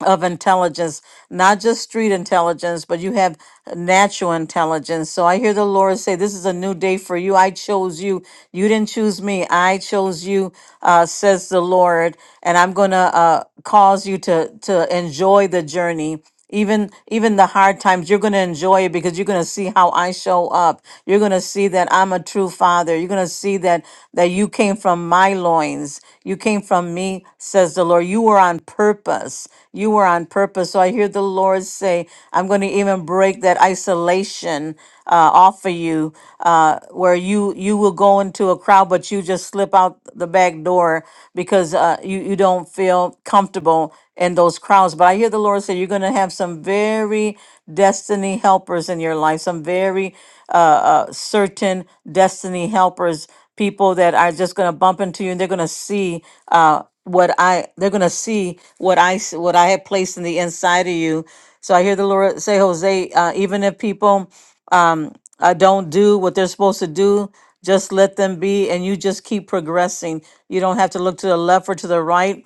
Speaker 3: of intelligence, not just street intelligence, but you have natural intelligence. So I hear the Lord say, This is a new day for you. I chose you. You didn't choose me. I chose you, uh, says the Lord. And I'm going to uh, cause you to, to enjoy the journey even even the hard times you're going to enjoy it because you're going to see how i show up you're going to see that i'm a true father you're going to see that that you came from my loins you came from me says the lord you were on purpose you were on purpose so i hear the lord say i'm going to even break that isolation uh, offer you, uh, where you you will go into a crowd, but you just slip out the back door because uh, you you don't feel comfortable in those crowds. But I hear the Lord say you're going to have some very destiny helpers in your life, some very uh, uh, certain destiny helpers, people that are just going to bump into you and they're going to see. Uh, what I they're gonna see what I s- what I have placed in the inside of you. So I hear the Lord say, Jose, uh, even if people um, uh, don't do what they're supposed to do. Just let them be, and you just keep progressing. You don't have to look to the left or to the right,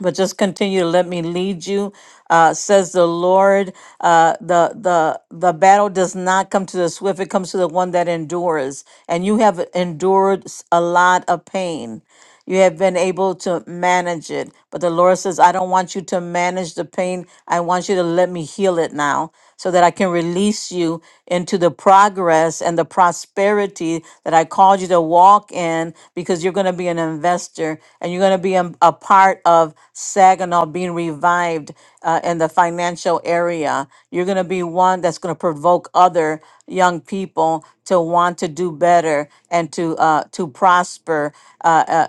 Speaker 3: but just continue to let me lead you, uh, says the Lord. Uh, the the the battle does not come to the swift; it comes to the one that endures. And you have endured s- a lot of pain. You have been able to manage it, but the Lord says, "I don't want you to manage the pain. I want you to let me heal it now." so that I can release you into the progress and the prosperity that I called you to walk in because you're going to be an investor and you're going to be a, a part of Saginaw being revived uh, in the financial area. You're going to be one that's going to provoke other young people to want to do better and to uh, to prosper uh, uh,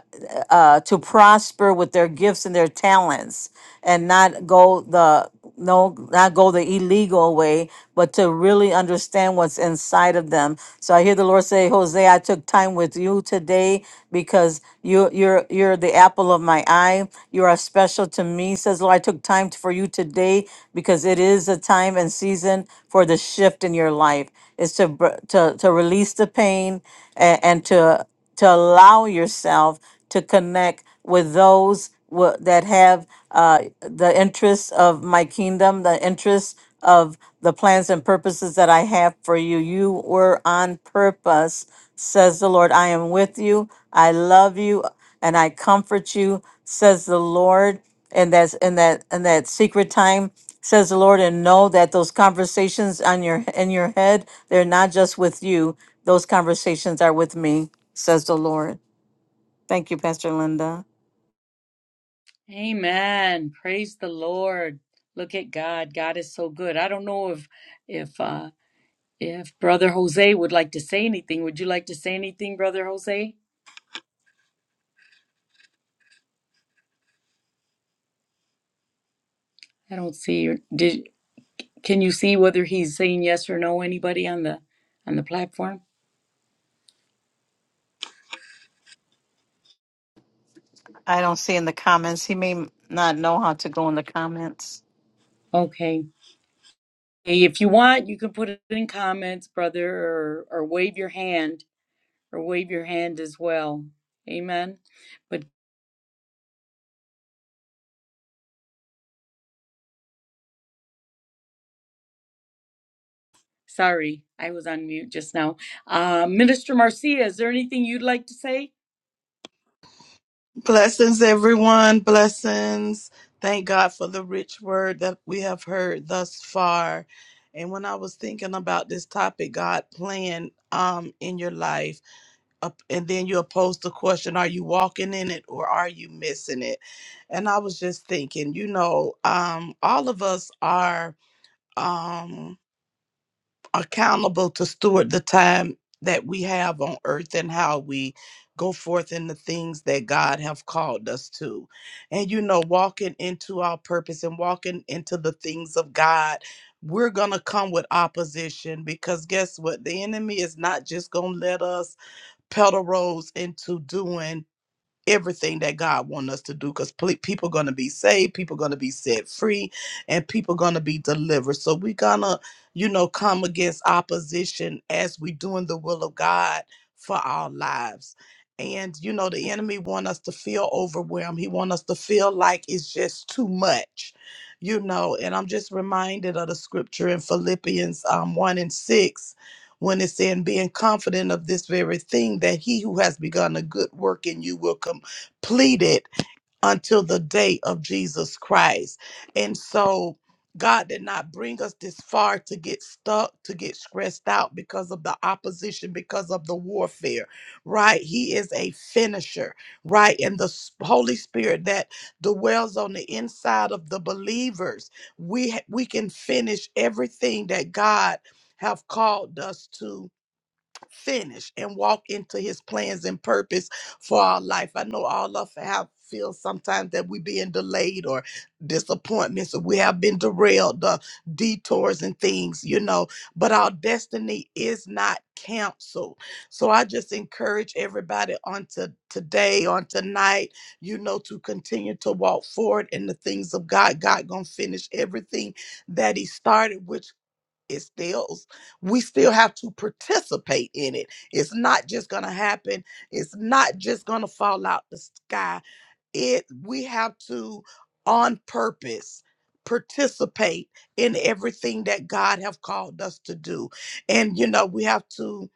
Speaker 3: uh, to prosper with their gifts and their talents and not go the no not go the illegal way but to really understand what's inside of them so i hear the lord say jose i took time with you today because you you're you're the apple of my eye you are special to me says the lord i took time for you today because it is a time and season for the shift in your life is to br- to to release the pain and, and to to allow yourself to connect with those wha- that have uh, the interests of my kingdom, the interests of the plans and purposes that I have for you. You were on purpose, says the Lord. I am with you. I love you and I comfort you, says the Lord. And that's in that in that secret time, says the Lord, and know that those conversations on your in your head, they're not just with you. Those conversations are with me, says the Lord. Thank you, Pastor Linda.
Speaker 1: Amen. Praise the Lord. Look at God. God is so good. I don't know if if uh if Brother Jose would like to say anything. Would you like to say anything, Brother Jose? I don't see you. Can you see whether he's saying yes or no? Anybody on the on the platform?
Speaker 3: I don't see in the comments. He may not know how to go in the comments.
Speaker 1: Okay. Hey, If you want, you can put it in comments, brother, or or wave your hand or wave your hand as well. Amen. But sorry, I was on mute just now. Uh, Minister Marcia, is there anything you'd like to say?
Speaker 4: Blessings, everyone. Blessings. Thank God for the rich word that we have heard thus far. And when I was thinking about this topic, God plan um in your life, up and then you're posed the question: Are you walking in it or are you missing it? And I was just thinking, you know, um, all of us are. Um, accountable to steward the time that we have on earth and how we go forth in the things that God have called us to. And you know, walking into our purpose and walking into the things of God, we're going to come with opposition because guess what? The enemy is not just going to let us pedal rose into doing everything that God wants us to do because people going to be saved, people going to be set free, and people going to be delivered. So we're going to, you know, come against opposition as we doing the will of God for our lives. And, you know, the enemy want us to feel overwhelmed. He want us to feel like it's just too much, you know, and I'm just reminded of the scripture in Philippians um, 1 and 6 when it's saying being confident of this very thing that he who has begun a good work in you will complete it until the day of Jesus Christ. And so God did not bring us this far to get stuck, to get stressed out because of the opposition, because of the warfare, right? He is a finisher, right? And the s- Holy Spirit that dwells on the inside of the believers, we ha- we can finish everything that God have called us to finish and walk into his plans and purpose for our life. I know all of us have feel sometimes that we being delayed or disappointments or we have been derailed, the detours and things, you know, but our destiny is not canceled. So I just encourage everybody on to today, on tonight, you know, to continue to walk forward in the things of God. God gonna finish everything that He started, which it still we still have to participate in it it's not just gonna happen it's not just gonna fall out the sky it we have to on purpose participate in everything that god have called us to do and you know we have to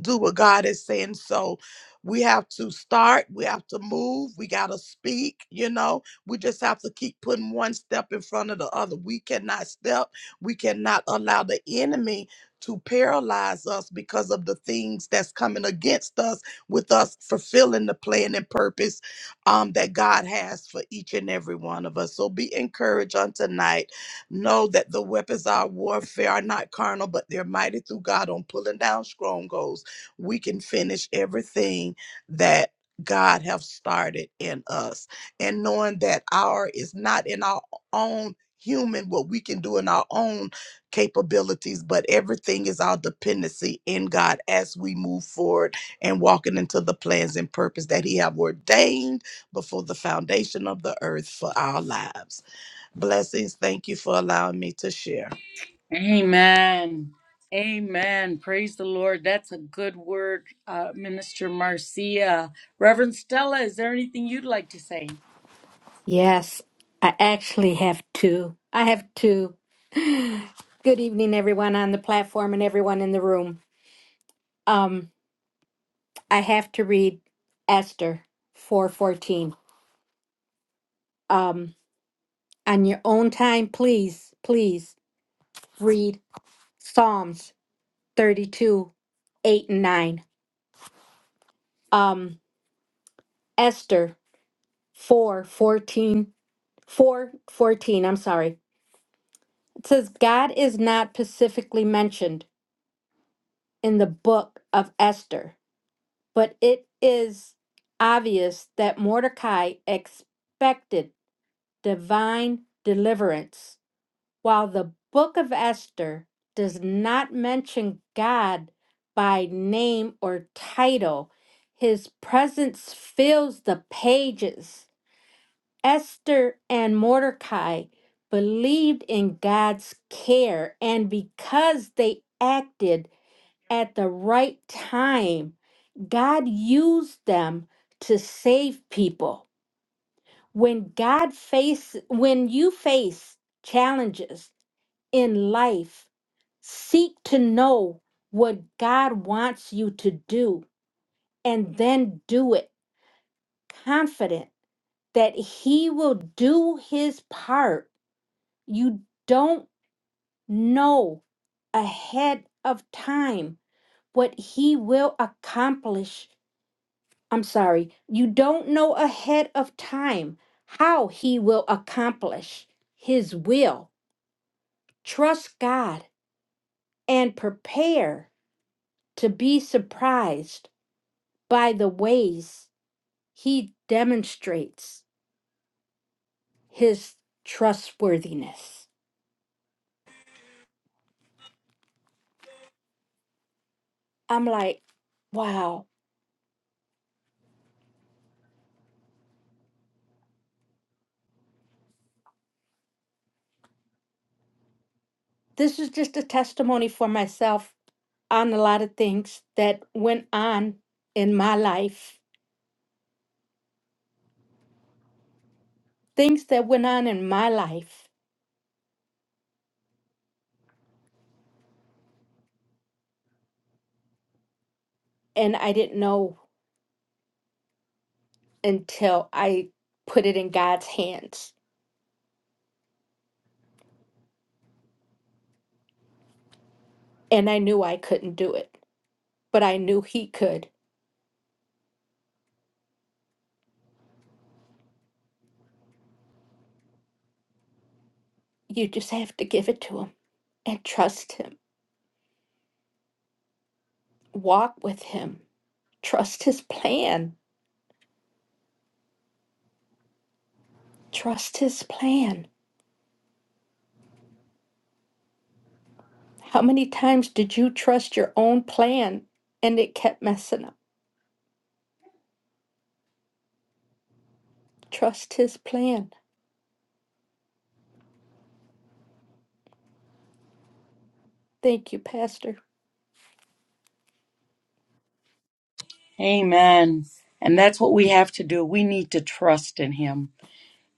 Speaker 4: do what God is saying. So we have to start, we have to move, we got to speak, you know. We just have to keep putting one step in front of the other. We cannot step, we cannot allow the enemy to paralyze us because of the things that's coming against us with us fulfilling the plan and purpose um, that God has for each and every one of us. So be encouraged on tonight. Know that the weapons of our warfare are not carnal, but they're mighty through God on pulling down strongholds we can finish everything that God have started in us and knowing that our is not in our own human what we can do in our own capabilities but everything is our dependency in God as we move forward and walking into the plans and purpose that he have ordained before the foundation of the earth for our lives blessings thank you for allowing me to share
Speaker 1: Amen. Amen. Praise the Lord. That's a good word, uh, Minister Marcia. Reverend Stella, is there anything you'd like to say?
Speaker 5: Yes, I actually have two. I have two. Good evening, everyone on the platform and everyone in the room. Um, I have to read Esther four fourteen. Um, on your own time, please, please read Psalms thirty two, eight and nine. Um, Esther four fourteen, four fourteen. I'm sorry. It says God is not specifically mentioned in the book of Esther But it is obvious that Mordecai expected divine deliverance, while the book of Esther does not mention God by name or title. His presence fills the pages. Esther and Mordecai believed in God's care, and because they acted at the right time. God used them to save people. When God face when you face challenges in life, seek to know what God wants you to do and then do it confident that he will do his part. You don't know ahead of time what he will accomplish I'm sorry, you don't know ahead of time how he will accomplish his will. Trust God and prepare to be surprised by the ways he demonstrates his trustworthiness. I'm like, wow, this is just a testimony for myself on a lot of things that went on in my life, things that went on in my life, and I didn't know until I put it in God's hands. And I knew I couldn't do it, but I knew He could. You just have to give it to Him and trust Him. Walk with Him. Trust His plan. Trust His plan. How many times did you trust your own plan and it kept messing up? Trust His plan. Thank you, Pastor.
Speaker 1: Amen. And that's what we have to do. We need to trust in him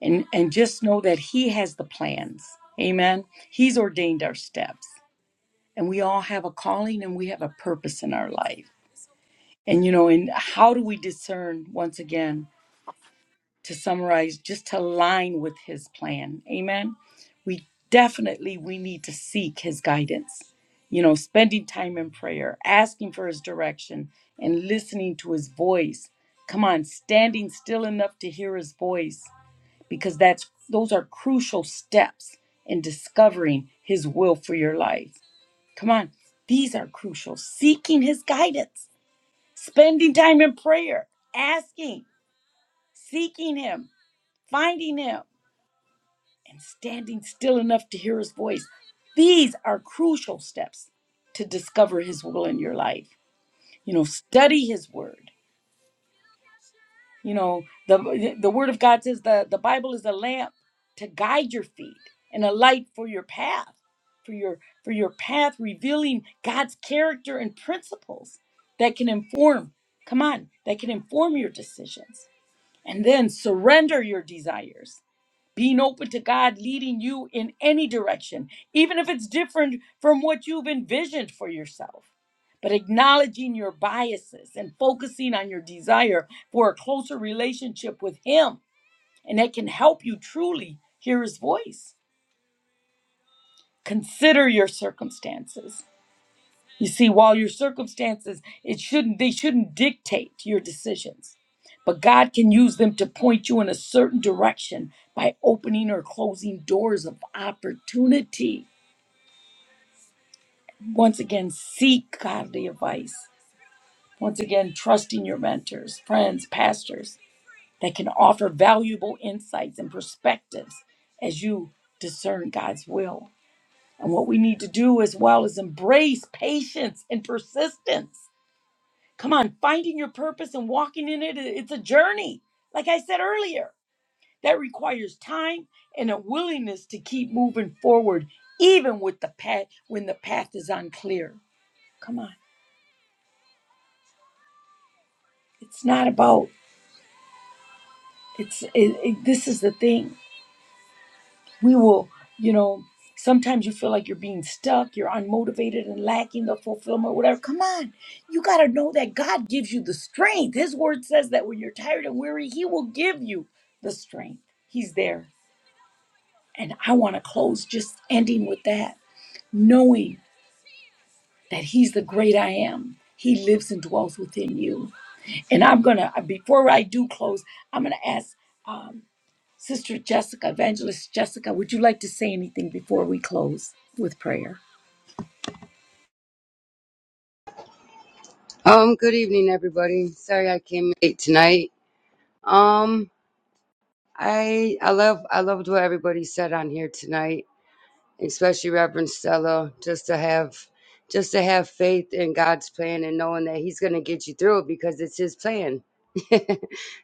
Speaker 1: and, and just know that he has the plans. Amen. He's ordained our steps. And we all have a calling and we have a purpose in our life. And you know, and how do we discern once again to summarize just to align with his plan amen we definitely we need to seek his guidance you know spending time in prayer asking for his direction and listening to his voice come on standing still enough to hear his voice because that's those are crucial steps in discovering his will for your life come on these are crucial seeking his guidance spending time in prayer asking seeking him finding him and standing still enough to hear his voice. These are crucial steps to discover his will in your life. You know, study his word. You know, the the word of God says the, the Bible is a lamp to guide your feet and a light for your path, for your for your path revealing God's character and principles that can inform, come on, that can inform your decisions. And then surrender your desires being open to God leading you in any direction, even if it's different from what you've envisioned for yourself. But acknowledging your biases and focusing on your desire for a closer relationship with Him, and that can help you truly hear His voice. Consider your circumstances. You see, while your circumstances, it shouldn't they shouldn't dictate your decisions. But God can use them to point you in a certain direction by opening or closing doors of opportunity. Once again, seek godly advice. Once again, trusting your mentors, friends, pastors that can offer valuable insights and perspectives as you discern God's will. And what we need to do as well is embrace patience and persistence Come on, finding your purpose and walking in it, it's a journey. Like I said earlier, that requires time and a willingness to keep moving forward, even with the path when the path is unclear. Come on, it's not about it's. It, it, this is the thing. We will, you know. Sometimes you feel like you're being stuck, you're unmotivated and lacking the fulfillment, whatever. Come on, you got to know that God gives you the strength. His word says that when you're tired and weary, He will give you the strength. He's there. And I want to close just ending with that, knowing that He's the great I am. He lives and dwells within you. And I'm going to, before I do close, I'm going to ask um, Sister Jessica, Evangelist Jessica, would you like to say anything before we close with prayer?
Speaker 6: Um, good evening, everybody. Sorry I came late tonight. Um, I I love I loved what everybody said on here tonight especially Reverend Stella, just to have just to have faith in God's plan and knowing that He's going to get you through it because it's His plan.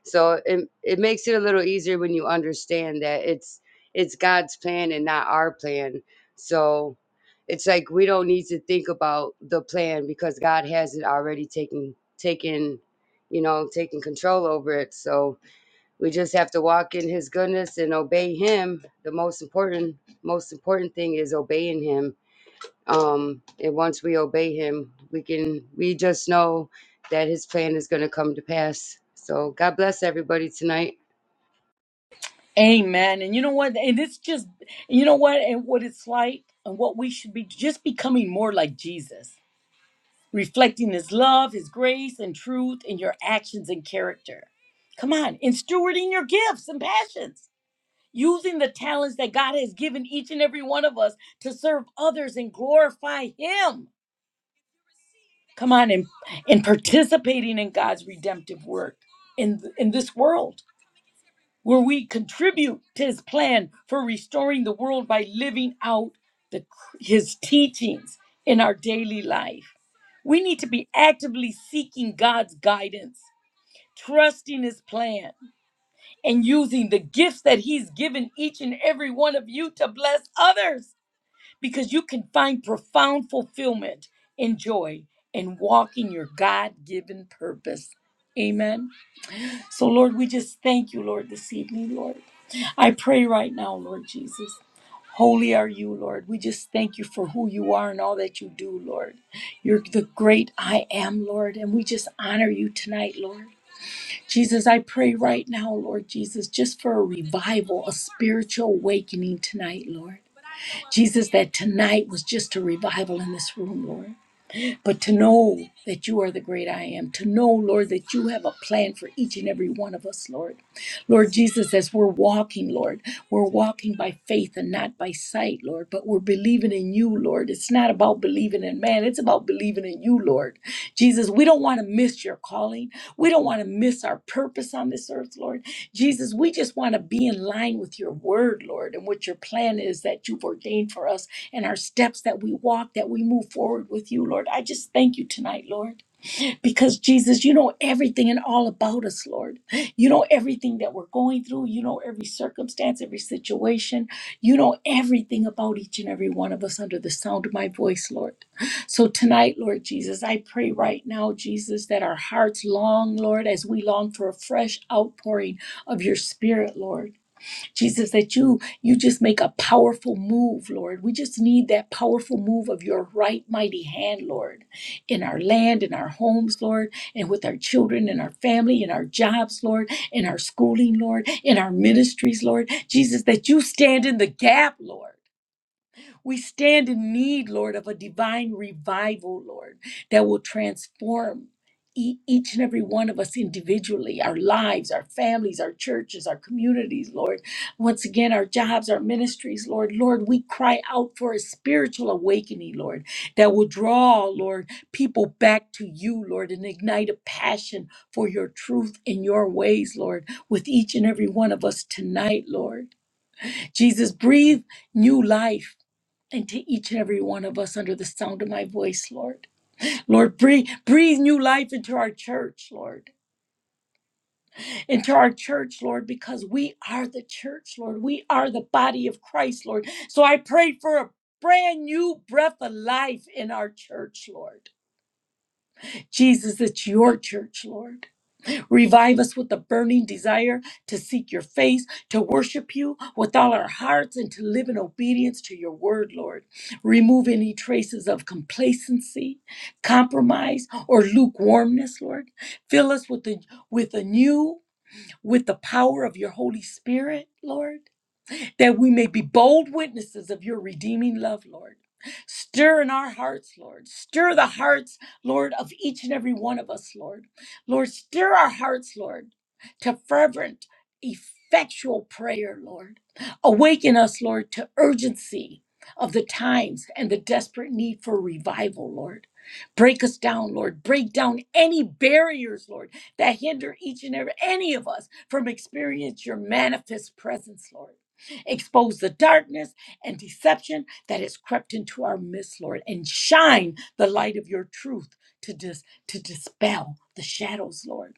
Speaker 6: so it it makes it a little easier when you understand that it's it's God's plan and not our plan. So it's like we don't need to think about the plan because God has it already taken taken you know taken control over it. So we just have to walk in his goodness and obey him the most important most important thing is obeying him um and once we obey him we can we just know that his plan is going to come to pass so god bless everybody tonight
Speaker 1: Amen. And you know what? And it's just, you know what? And what it's like and what we should be just becoming more like Jesus reflecting His love, His grace, and truth in your actions and character. Come on, in stewarding your gifts and passions, using the talents that God has given each and every one of us to serve others and glorify Him. Come on, and, and participating in God's redemptive work in, in this world, where we contribute to His plan for restoring the world by living out the, His teachings in our daily life we need to be actively seeking God's guidance, trusting His plan, and using the gifts that He's given each and every one of you to bless others because you can find profound fulfillment and joy in walking your God given purpose. Amen. So, Lord, we just thank you, Lord, this evening, Lord. I pray right now, Lord Jesus. Holy are you, Lord. We just thank you for who you are and all that you do, Lord. You're the great I am, Lord, and we just honor you tonight, Lord. Jesus, I pray right now, Lord Jesus, just for a revival, a spiritual awakening tonight, Lord. Jesus, that tonight was just a revival in this room, Lord. But to know that you are the great I am, to know, Lord, that you have a plan for each and every one of us, Lord. Lord Jesus, as we're walking, Lord, we're walking by faith and not by sight, Lord, but we're believing in you, Lord. It's not about believing in man, it's about believing in you, Lord. Jesus, we don't want to miss your calling. We don't want to miss our purpose on this earth, Lord. Jesus, we just want to be in line with your word, Lord, and what your plan is that you've ordained for us and our steps that we walk, that we move forward with you, Lord. I just thank you tonight, Lord because Jesus, you know everything and all about us, Lord. You know everything that we're going through. You know every circumstance, every situation. You know everything about each and every one of us under the sound of my voice, Lord. So tonight, Lord Jesus, I pray right now, Jesus, that our hearts long, Lord, as we long for a fresh outpouring of your spirit, Lord. Jesus, that you you just make a powerful move, Lord. We just need that powerful move of your right mighty hand, Lord, in our land, in our homes, Lord, and with our children, in our family, in our jobs, Lord, in our schooling, Lord, in our ministries, Lord. Jesus, that you stand in the gap, Lord. We stand in need, Lord, of a divine revival, Lord, that will transform e- each and every one of us individually, our lives, our families, our churches, our communities, Lord. Once again, our jobs, our ministries, Lord. Lord, we cry out for a spiritual awakening, Lord, that will draw, Lord, people back to you, Lord, and ignite a passion for your truth and your ways, Lord, with each and every one of us tonight, Lord. Jesus, breathe new life and to each and every one of us under the sound of my voice, Lord. Lord, breathe, breathe new life into our church, Lord. Into our church, Lord, because we are the church, Lord. We are the body of Christ, Lord. So I pray for a brand new breath of life in our church, Lord. Jesus, it's your church, Lord. Revive us with a burning desire to seek your face, to worship you with all our hearts, and to live in obedience to your word, Lord. Remove any traces of complacency, compromise, or lukewarmness, Lord. Fill us with the with a new, with the power of your Holy Spirit, Lord that we may be bold witnesses of your redeeming love, Lord. Stir in our hearts, Lord. Stir the hearts, Lord, of each and every one of us, Lord. Lord, stir our hearts, Lord, to fervent, effectual prayer, Lord. Awaken us, Lord, to urgency of the times and the desperate need for revival, Lord. Break us down, Lord. Break down any barriers, Lord, that hinder each and every any of us from experiencing your manifest presence, Lord expose the darkness and deception that has crept into our midst, Lord, and shine the light of your truth to dis- to dispel the shadows, Lord.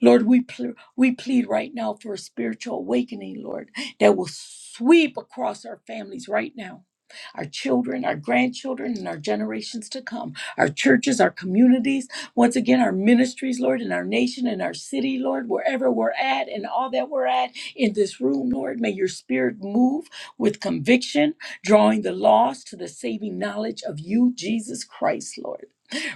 Speaker 1: Lord, we ple- we plead right now for a spiritual awakening, Lord, that will sweep across our families right now our children, our grandchildren, and our generations to come, our churches, our communities, once again, our ministries, Lord, and our nation, and our city, Lord, wherever we're at and all that we're at in this room, Lord. May your spirit move with conviction, drawing the lost to the saving knowledge of you, Jesus Christ, Lord.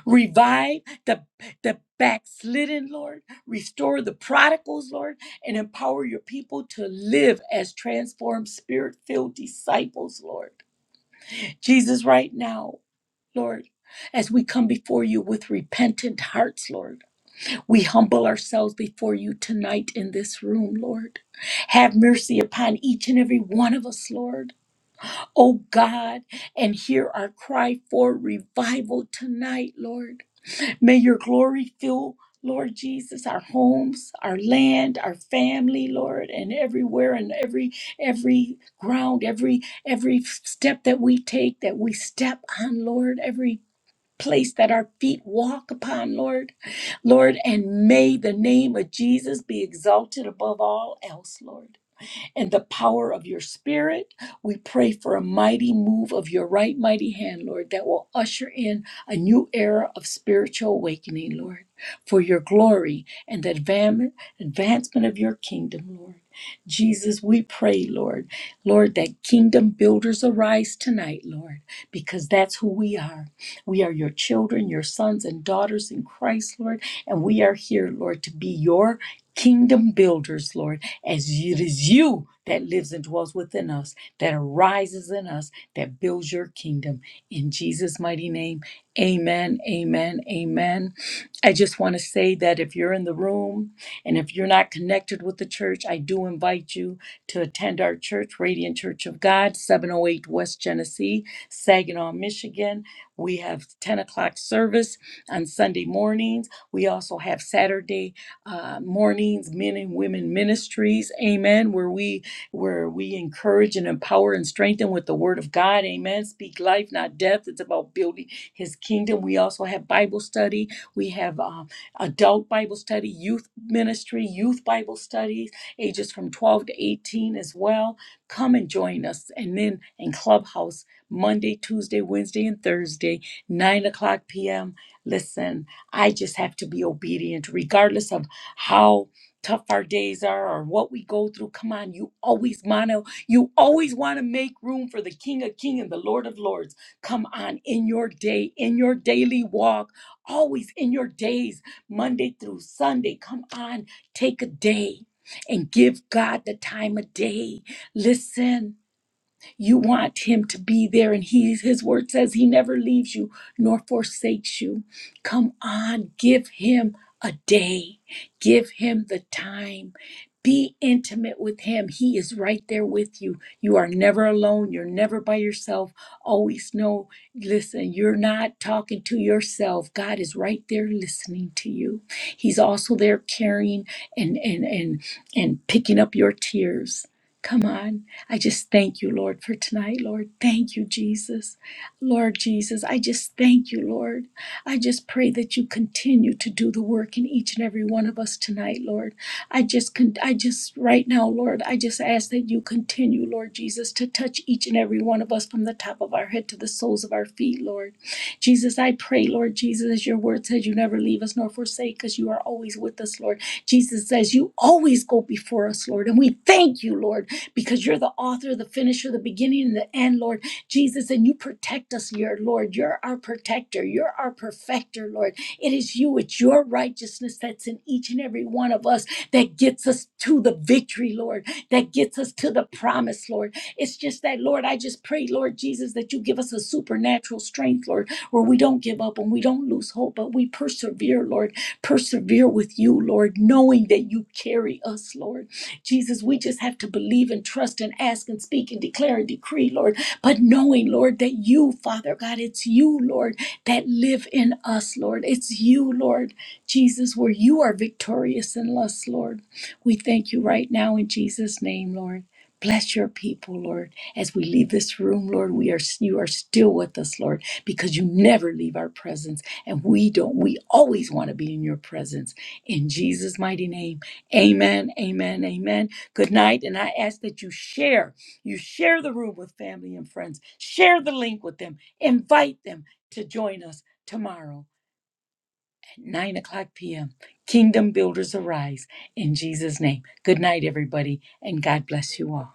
Speaker 1: Revive the, the backslidden, Lord. Restore the prodigals, Lord, and empower your people to live as transformed, spirit filled disciples, Lord. Jesus, right now, Lord, as we come before you with repentant hearts, Lord, we humble ourselves before you tonight in this room, Lord. Have mercy upon each and every one of us, Lord. Oh God, and hear our cry for revival tonight, Lord. May your glory fill, Lord Jesus, our homes, our land, our family, Lord, and everywhere and every every ground, every every step that we take, that we step on, Lord, every place that our feet walk upon, Lord. Lord, and may the name of Jesus be exalted above all else, Lord and the power of your spirit. We pray for a mighty move of your right mighty hand, Lord, that will usher in a new era of spiritual awakening, Lord, for your glory and the advam- advancement of your kingdom, Lord. Jesus, we pray, Lord, Lord, that kingdom builders arise tonight, Lord, because that's who we are. We are your children, your sons and daughters in Christ, Lord, and we are here, Lord, to be your kingdom builders, Lord, as it is you that lives and dwells within us, that arises in us, that builds your kingdom. In Jesus' mighty name, amen, amen, amen. I just want to say that if you're in the room and if you're not connected with the church, I do invite you to attend our church, Radiant Church of God, 708 West Genesee, Saginaw, Michigan. We have 10 o'clock service on Sunday mornings. We also have Saturday uh, mornings, men and women ministries. Amen. Where we where we encourage and empower and strengthen with the word of God. Amen. Speak life, not death. It's about building His kingdom. We also have Bible study. We have um, adult Bible study, youth ministry, youth Bible studies, ages from 12 to 18 as well come and join us. And then in Clubhouse, Monday, Tuesday, Wednesday, and Thursday, 9 o'clock p.m. Listen, I just have to be obedient, regardless of how tough our days are or what we go through. Come on, you always want to, you always want to make room for the King of King and the Lord of Lords. Come on, in your day, in your daily walk, always in your days, Monday through Sunday. Come on, take a day and give God the time of day. Listen. You want him to be there, and he, his word says he never leaves you nor forsakes you. Come on, give him a day, give him the time. Be intimate with him. He is right there with you. You are never alone. You're never by yourself. Always know, listen, you're not talking to yourself. God is right there listening to you. He's also there carrying and and and and picking up your tears. Come on. I just thank you, Lord, for tonight, Lord. Thank you, Jesus. Lord Jesus, I just thank you, Lord. I just pray that you continue to do the work in each and every one of us tonight, Lord. I just con- I just right now, Lord, I just ask that you continue, Lord Jesus, to touch each and every one of us from the top of our head to the soles of our feet, Lord. Jesus, I pray, Lord Jesus, as your word says, you never leave us nor forsake us. You are always with us, Lord. Jesus says, you always go before us, Lord. And we thank you, Lord because you're the author, the finisher, the beginning, and the end, Lord Jesus. And you protect us, your Lord. You're our protector. You're our perfecter, Lord. It is you, it's your righteousness that's in each and every one of us that gets us to the victory, Lord that gets us to the promise, Lord. It's just that, Lord, I just pray, Lord Jesus, that you give us a supernatural strength, Lord, where we don't give up and we don't lose hope, but we persevere, Lord. Persevere with you, Lord, knowing that you carry us, Lord. Jesus, we just have to believe and trust and ask and speak and declare and decree, Lord, but knowing, Lord, that you, Father God, it's you, Lord, that live in us, Lord. It's you, Lord, Jesus, where you are victorious in us, Lord. We thank you right now in Jesus' name, Lord. Bless your people, Lord. As we leave this room, Lord, we are you are still with us, Lord, because you never leave our presence. And we don't, we always want to be in your presence. In Jesus' mighty name. Amen. Amen. Amen. Good night. And I ask that you share. You share the room with family and friends. Share the link with them. Invite them to join us tomorrow. 9 o'clock p.m. Kingdom Builders Arise in Jesus' name. Good night, everybody, and God bless you all.